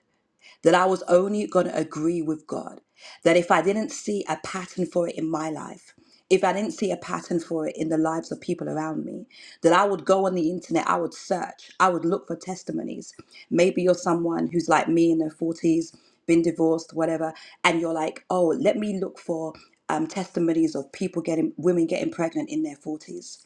H: that I was only going to agree with God. That if I didn't see a pattern for it in my life, if I didn't see a pattern for it in the lives of people around me, that I would go on the internet, I would search, I would look for testimonies. Maybe you're someone who's like me in their 40s, been divorced, whatever, and you're like, oh, let me look for um, testimonies of people getting, women getting pregnant in their 40s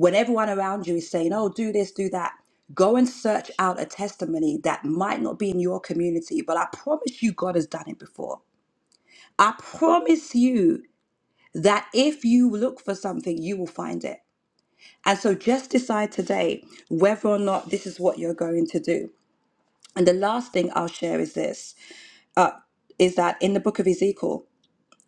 H: when everyone around you is saying, oh, do this, do that, go and search out a testimony that might not be in your community, but I promise you, God has done it before. I promise you that if you look for something, you will find it. And so just decide today whether or not this is what you're going to do. And the last thing I'll share is this is that in the book of Ezekiel,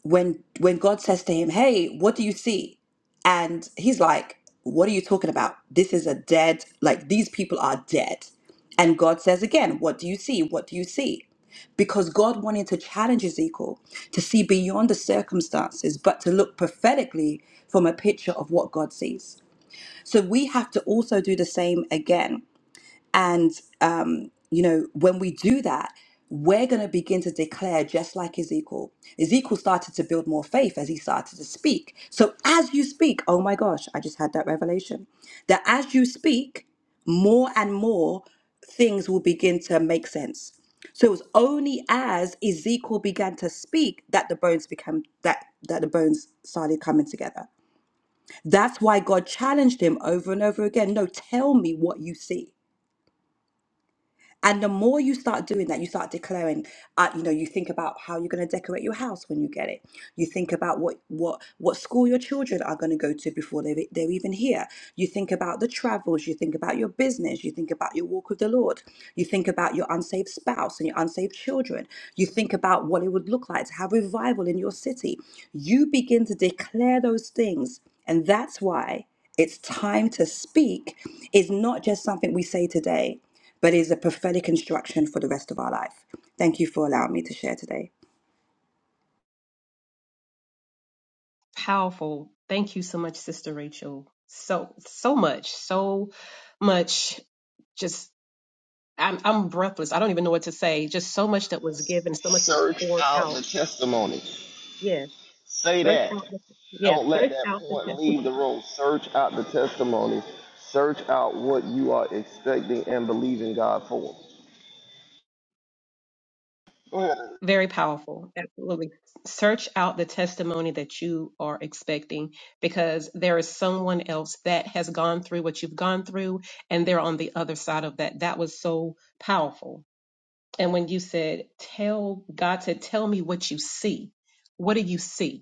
H: when when God says to him, "Hey, what do you see?" and he's like, "What are you talking about? This is a dead, like these people are dead." And God says again, "What do you see? What do you see?" Because God wanted to challenge Ezekiel to see beyond the circumstances, but to look prophetically from a picture of what God sees. So we have to also do the same again and, um, you know, when we do that, we're going to begin to declare just like Ezekiel. Ezekiel started to build more faith as he started to speak. So as you speak, oh my gosh, I just had that revelation that as you speak, more and more things will begin to make sense. So it was only as Ezekiel began to speak that the bones became that that the bones started coming together. That's why God challenged him over and over again. No, tell me what you see. And the more you start doing that, you start declaring, uh, you know, you think about how you're going to decorate your house when you get it. You think about what what what school your children are going to go to before they they're they're even here. You think about the travels. You think about your business. You think about your walk with the Lord. You think about your unsaved spouse and your unsaved children. You think about what it would look like to have revival in your city. You begin to declare those things, and that's why it's time to speak is not just something we say today but is a prophetic instruction for the rest of our life. Thank you for allowing me to share today.
C: powerful. Thank you so much, Sister Rachel. So so much, so much. Just I'm I'm breathless. I don't even know what to say. Just so much that was given, so much was
B: Search
C: poured
B: out
C: out.
B: the testimony.
C: Yeah,
B: Say
C: search
B: that.
C: out. The, yeah,
B: Don't let
C: search
B: that
C: out the
B: point leave
C: testimony.
B: the room. Search out the testimony. Search out what you are expecting and believing God for. Go ahead.
C: Very powerful. Absolutely. Search out the testimony that you are expecting because there is someone else that has gone through what you've gone through and they're on the other side of that. That was so powerful. And when you said, tell God to tell me what you see, what do you see?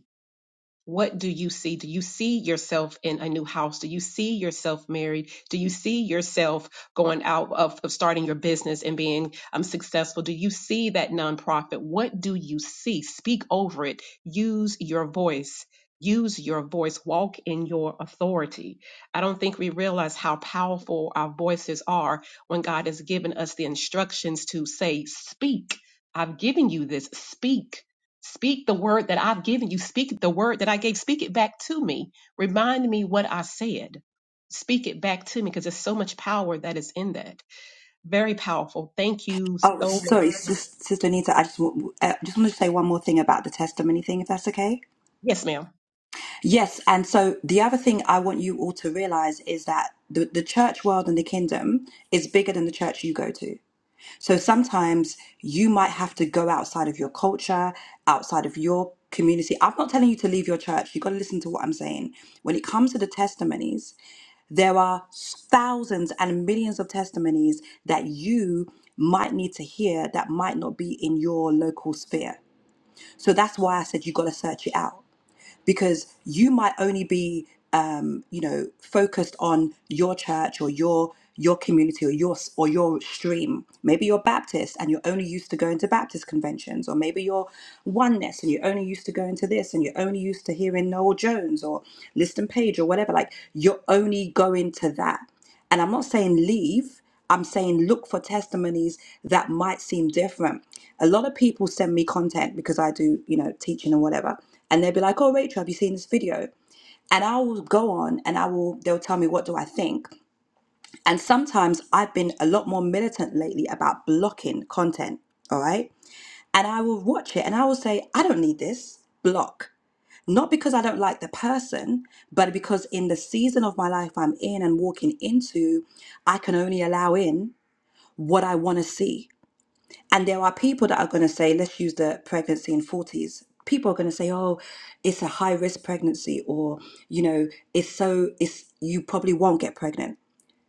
C: What do you see? Do you see yourself in a new house? Do you see yourself married? Do you see yourself going out of, of starting your business and being um, successful? Do you see that nonprofit? What do you see? Speak over it. Use your voice. Use your voice. Walk in your authority. I don't think we realize how powerful our voices are when God has given us the instructions to say, Speak. I've given you this. Speak Speak the word that I've given you. Speak the word that I gave. Speak it back to me. Remind me what I said. Speak it back to me because there's so much power that is in that. Very powerful. Thank you
H: Oh,
C: so much.
H: sorry, Sis- Sister Anita, I just, want- I just want to say one more thing about the testimony thing, if that's okay.
C: Yes, ma'am.
H: Yes, and so the other thing I want you all to realize is that the, the church world and the kingdom is bigger than the church you go to. So sometimes you might have to go outside of your culture, outside of your community. I'm not telling you to leave your church. You've got to listen to what I'm saying. When it comes to the testimonies, there are thousands and millions of testimonies that you might need to hear that might not be in your local sphere. So that's why I said you got to search it out because you might only be um, you know focused on your church or your your community or your s- or your stream maybe you're baptist and you're only used to going to baptist conventions or maybe you're oneness and you're only used to going to this and you're only used to hearing noel jones or liston page or whatever like you're only going to that and I'm not saying leave, I'm saying look for testimonies that might seem different. A lot of people send me content because I do, you know, teaching and whatever. And they'll be like, oh, Rachel, have you seen this video? And I will go on and I will, they'll tell me, what do I think? And sometimes I've been a lot more militant lately about blocking content, all right? And I will watch it and I will say, I don't need this, block not because I don't like the person, but because in the season of my life I'm in and walking into, I can only allow in what I want to see. And there are people that are going to say, let's use the pregnancy in 40s. People are going to say, oh, it's a high risk pregnancy, or, you know, it's so, it's, you probably won't get pregnant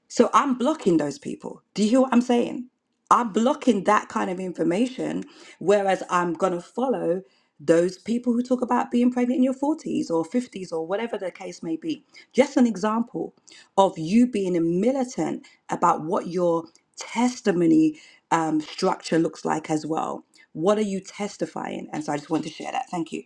H: so I'm blocking those people. Do you hear what I'm saying? I'm blocking that kind of information, whereas I'm going to follow those people who talk about being pregnant in your 40s or 50s or whatever the case may be. Just an example of you being a militant about what your testimony um, structure looks like as well. What are you testifying? And so I just wanted to share that. Thank you.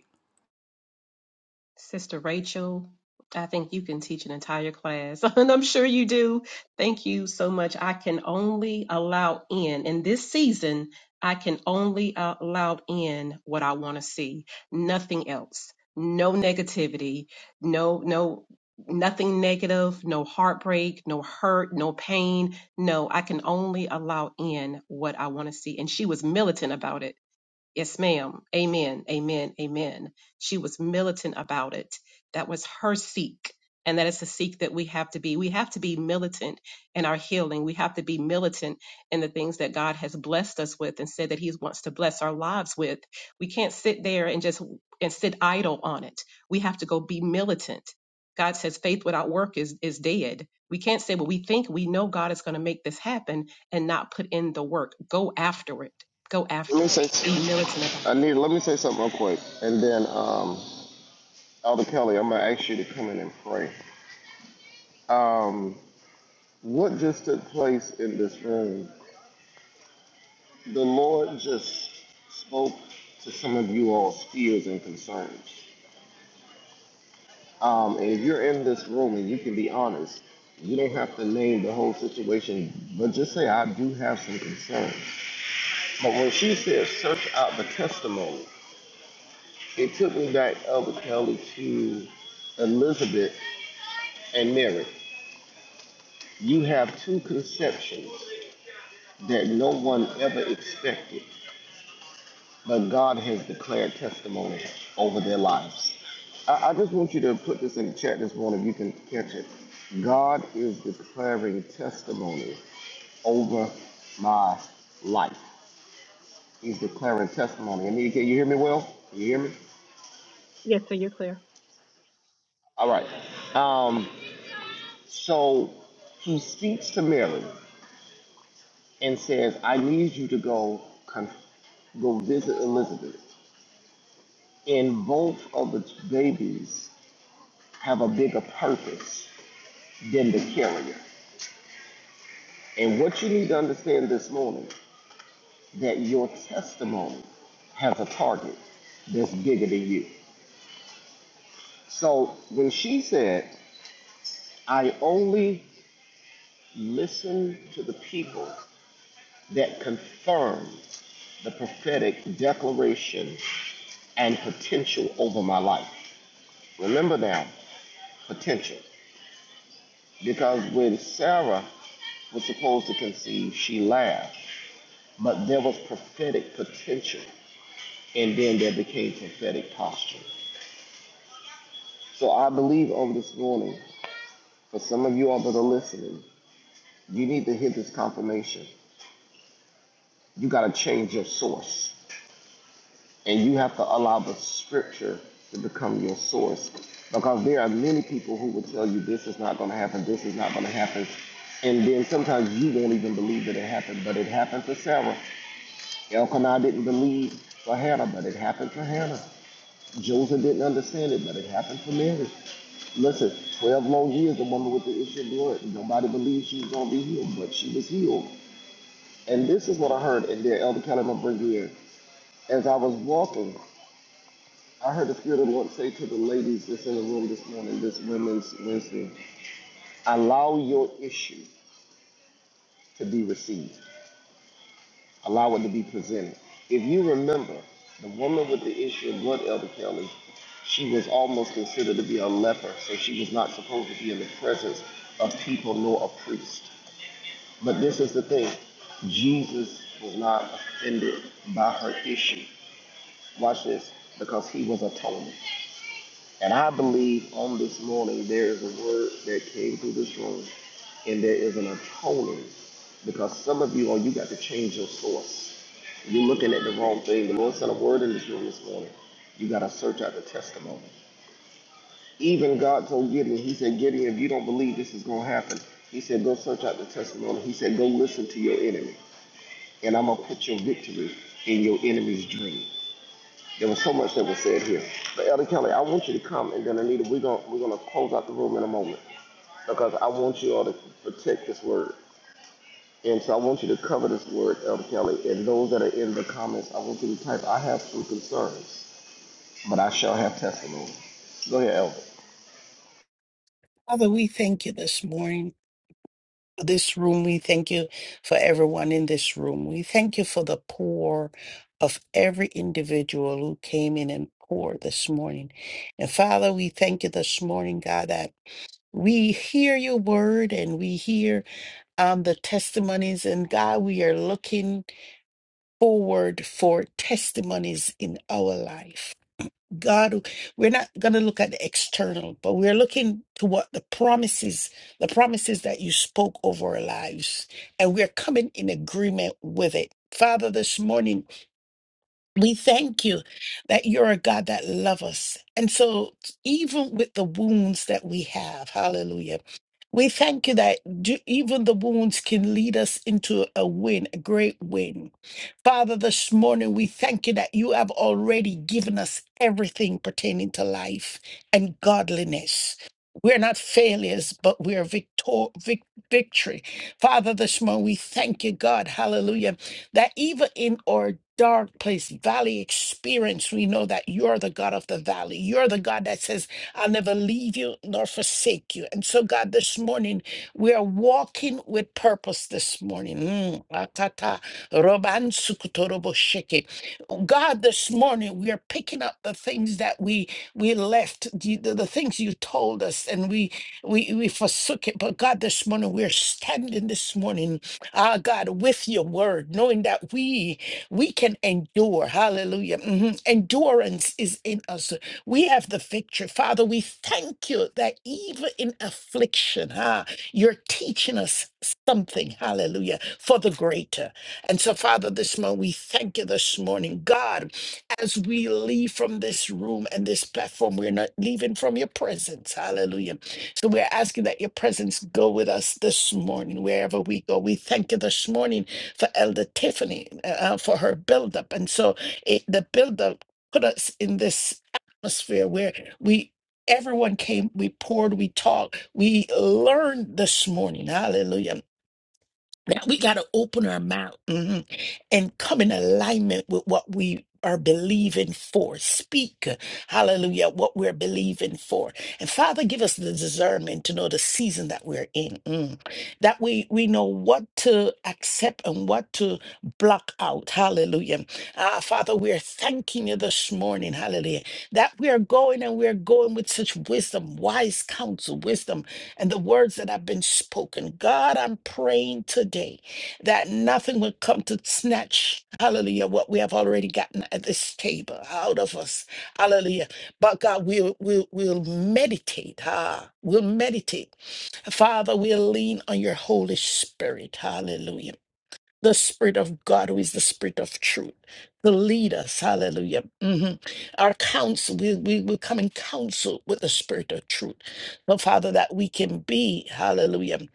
C: Sister Rachel, I think you can teach an entire class, <laughs> and I'm sure you do. Thank you so much. I can only allow in, in this season, I can only uh, allow in what I want to see, nothing else. No negativity, no, no, nothing negative, no heartbreak, no hurt, no pain. No, I can only allow in what I want to see. And she was militant about it Yes, ma'am. Amen. Amen. Amen. She was militant about it. That was her seek. And that is the seek that we have to be. We have to be militant in our healing. We have to be militant in the things that God has blessed us with and said that He wants to bless our lives with. We can't sit there and just and sit idle on it. We have to go be militant. God says faith without work is is dead. We can't say, well, we think we know God is going to make this happen and not put in the work. Go after it Go
B: Let me
C: after it. Be
B: say.
C: militant about
B: I
C: it.
B: need. Let me say something real quick, and then um, Elder Kelly, I'm gonna ask you to come in and pray. Um, what just took place in this room? The Lord just spoke to some of you all's fears and concerns. Um, and if you're in this room and you can be honest, you don't have to name the whole situation, but just say, I do have some concerns. But when she said, search out the testimony, it took me back, Elder Kelly, to Elizabeth and Mary. You have two conceptions that no one ever expected. but God has declared testimony over their lives. I, I just want you to put this in the chat this morning if you can catch it. God is declaring testimony over my life. He's declaring testimony. And you, can you hear me well? Can you hear me?
C: Clear.
B: All right. Um, so he speaks to Mary and says, I need you to go con- go visit Elizabeth. And both of the babies have a bigger purpose than the carrier. And what you need to understand this morning that your testimony has a target that's bigger than you. So when she said, I only listen to the people that confirm the prophetic declaration and potential over my life. Remember now, potential. Because when Sarah was supposed to conceive, she laughed, but there was prophetic potential and then there became prophetic posture. So I believe on this morning, for some of you all that are listening, you need to hear this confirmation. You got to change your source, and you have to allow the scripture to become your source. Because there are many people who will tell you this is not going to happen, this is not going to happen. And then sometimes you won't even believe that it happened, but it happened for Sarah. Elkanah didn't believe for Hannah, but it happened for Hannah. Joseph didn't understand it, but it happened for Mary. Listen, 12 long years, the woman with the issue of blood, nobody believed she was going to be healed, but she was healed. And this is what I heard, and then Elder Kelly will bring you in. As I was walking, I heard the Spirit of the Lord say to the ladies that's in the room this morning, this Women's Wednesday, allow your issue to be received, allow it to be presented. If you remember, the woman with the issue of blood, Elder Kelly, she was almost considered to be a leper, so she was not supposed to be in the presence of people nor a priest. But this is the thing Jesus was not offended by her issue. Watch this, because he was atonement. And I believe on this morning there is a word that came through this room, and there is an atoning, because some of you, oh, you got to change your source. You're looking at the wrong thing. The Lord sent a word in this room this morning. You got to search out the testimony. Even God told Gideon, He said, Gideon, if you don't believe this is going to happen, He said, go search out the testimony. He said, go listen to your enemy. and I'm gonna put your victory in your enemy's dream. There was so much that was said here. But Elder Kelly, I want you to come, and then Anita, we're gonna we're gonna close out the room in a moment because I want you all to protect this word, and so I want you to cover this word, Elder Kelly, and those that are in the comments, I want you to type, I have some concerns, but I shall have testimony. Go ahead, Elder.
D: Father, we thank you this morning for this room. We thank you for everyone in this room. We thank you for the pour of every individual who came in and poured this morning. And Father, we thank you this morning, God, that. We hear your word and we hear um, the testimonies, and God, we are looking forward for testimonies in our life. God, we're not going to look at the external, but we're looking to what the promises, the promises that you spoke over our lives, and we're coming in agreement with it. Father, this morning, we thank you that you're a God that loves us. And so, even with the wounds that we have, hallelujah. We thank you that ju- even the wounds can lead us into a win, a great win. Father, this morning we thank you that you have already given us everything pertaining to life and godliness. We're not failures, but we are victor- vic- victory. Father, this morning we thank you, God, hallelujah, that even in our dark place, valley experience, we know that you're the God of the valley. You're the God that says, I'll never leave you nor forsake you. And so, God, this morning we are walking with purpose this morning. Mm, ah, ta, ta. Robansukutoroboshiki. God, this morning we are picking up the things that we we left, the, the, the things you told us, and we we we forsook it. But God, this morning we are standing this morning, ah God, with your word, knowing that we we can endure. Hallelujah. Mhm. Endurance is in us. We have the victory. Father, we thank you that even in affliction, ah, you're teaching us something. Hallelujah. For the greater. And so, Father, this morning, we thank you this morning. God, as we leave from this room and this platform, we're not leaving from your presence. Hallelujah. So, we're asking that your presence go with us this morning, wherever we go. We thank you this morning for Elder Tiffany, uh, uh, for her buildup. And so, it, the buildup put us in this atmosphere where we everyone came we poured we talked we learned this morning hallelujah that we got to open our mouth mhm, and come in alignment with what we are believing for. Speak, hallelujah, what we're believing for. And Father, give us the discernment to know the season that we're in. mm, That we, we know what to accept and what to block out. Hallelujah. Ah, Father, we are thanking you this morning. Hallelujah. That we are going and we are going with such wisdom, wise counsel, wisdom and the words that have been spoken. God, I'm praying today that nothing will come to snatch, hallelujah, what we have already gotten at this table out of us, hallelujah. But God, we'll, we'll, we'll meditate, ah, we'll meditate. Father, we'll lean on your Holy Spirit, hallelujah the Spirit of God, who is the Spirit of truth, to lead us. Hallelujah. Mhm. Our counsel, we, we will come in counsel with the Spirit of truth. So, Father, that we can be, hallelujah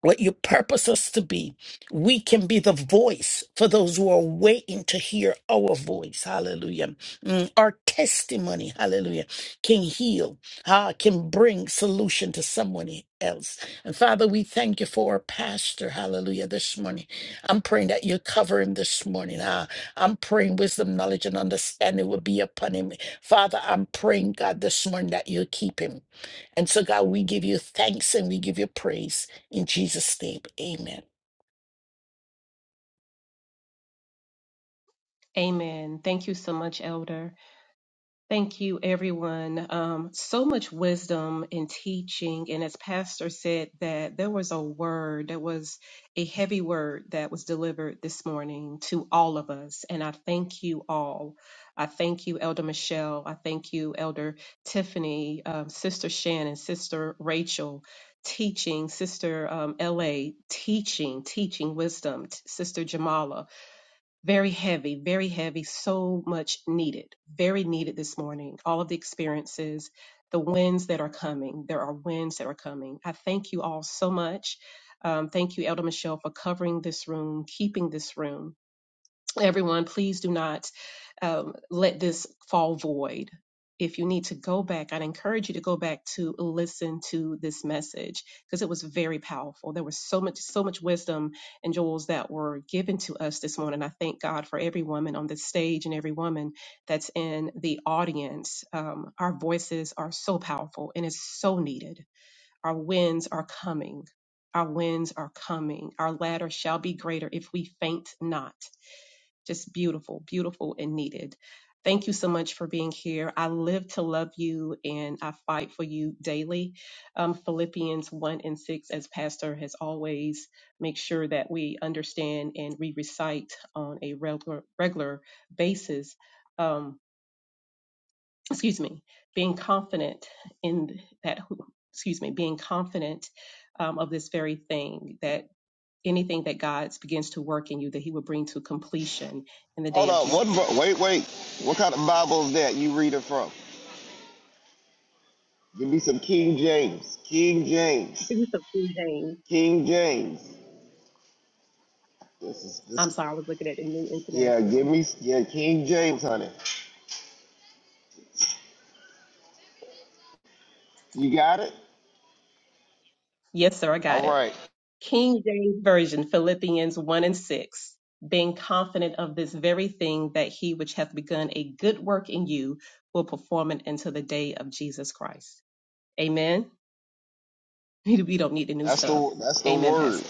D: what you purpose us to be. We can be the voice for those who are waiting to hear our voice. Hallelujah. Mm, our testimony, hallelujah, can heal, ah, can bring solution to someone else. And Father, we thank you for our pastor, hallelujah, this morning. I'm praying that you cover him this morning. Ah, I'm praying wisdom, knowledge, and understanding will be upon him. Father, I'm praying, God, this morning that you keep him. And so, God, we give you thanks and we give you praise. In Jesus' name, amen.
C: Amen. Thank you so much, Elder. Thank you, everyone. Um, so much wisdom in teaching. And as Pastor said, that there was a word, there was a heavy word that was delivered this morning to all of us. And I thank you all. I thank you, Elder Michelle. I thank you, Elder Tiffany, um, Sister Shannon, Sister Rachel, teaching, Sister um, LA, teaching, teaching wisdom, t- Sister Jamala. Very heavy, very heavy, so much needed, very needed this morning. All of the experiences, the winds that are coming. There are winds that are coming. I thank you all so much. Um, thank you, Elder Michelle, for covering this room, keeping this room. Everyone, please do not um, let this fall void. If you need to go back, I'd encourage you to go back to listen to this message because it was very powerful. There was so much, so much wisdom and jewels that were given to us this morning. I thank God for every woman on this stage and every woman that's in the audience. Um, our voices are so powerful and it's so needed. Our winds are coming. Our winds are coming. Our ladder shall be greater if we faint not just beautiful, beautiful, and needed. Thank you so much for being here. I live to love you and I fight for you daily. Um, Philippians 1 and 6, as Pastor has always, make sure that we understand and we recite on a regular, regular basis. Um, excuse me, being confident in that, who- excuse me, being confident um, of this very thing, that anything that God begins to work in you, that He will bring to completion in the
B: Hold
C: day of
B: on,
C: Jesus
B: what?
C: Christ.
B: Bo- wait, wait. What kind of Bible is that you reading from? Give me some King James. King James.
C: This is King James.
B: King James. This is this.
C: I'm sorry, I was looking at the New
B: Yeah, give
C: International.
B: me yeah, King James, honey. You got it?
C: Yes, sir, I got
B: All
C: it.
B: right.
C: King James Version, Philippians 1 and 6. Being confident of this very thing, that he which hath begun a good work in you will perform it until the day of Jesus Christ. Amen. <laughs> We don't need the new
B: That's
C: stuff.
B: the that's the
C: Amen, Pastor.
B: word.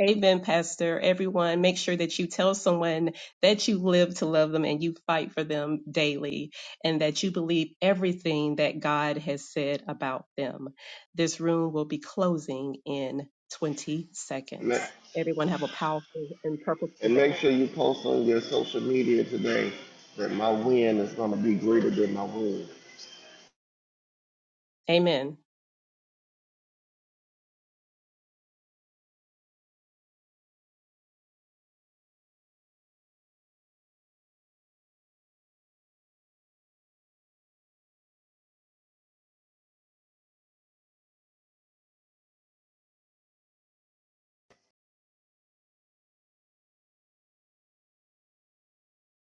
C: Amen, Pastor. Everyone, make sure that you tell someone that you live to love them and you fight for them daily and that you believe everything that God has said about them. This room will be closing in 20
B: And ma-
C: seconds. Everyone have a powerful and purposeful
B: and make
C: day.
B: sure you post on your social media today that my win is gonna be greater than my wound.
C: Amen.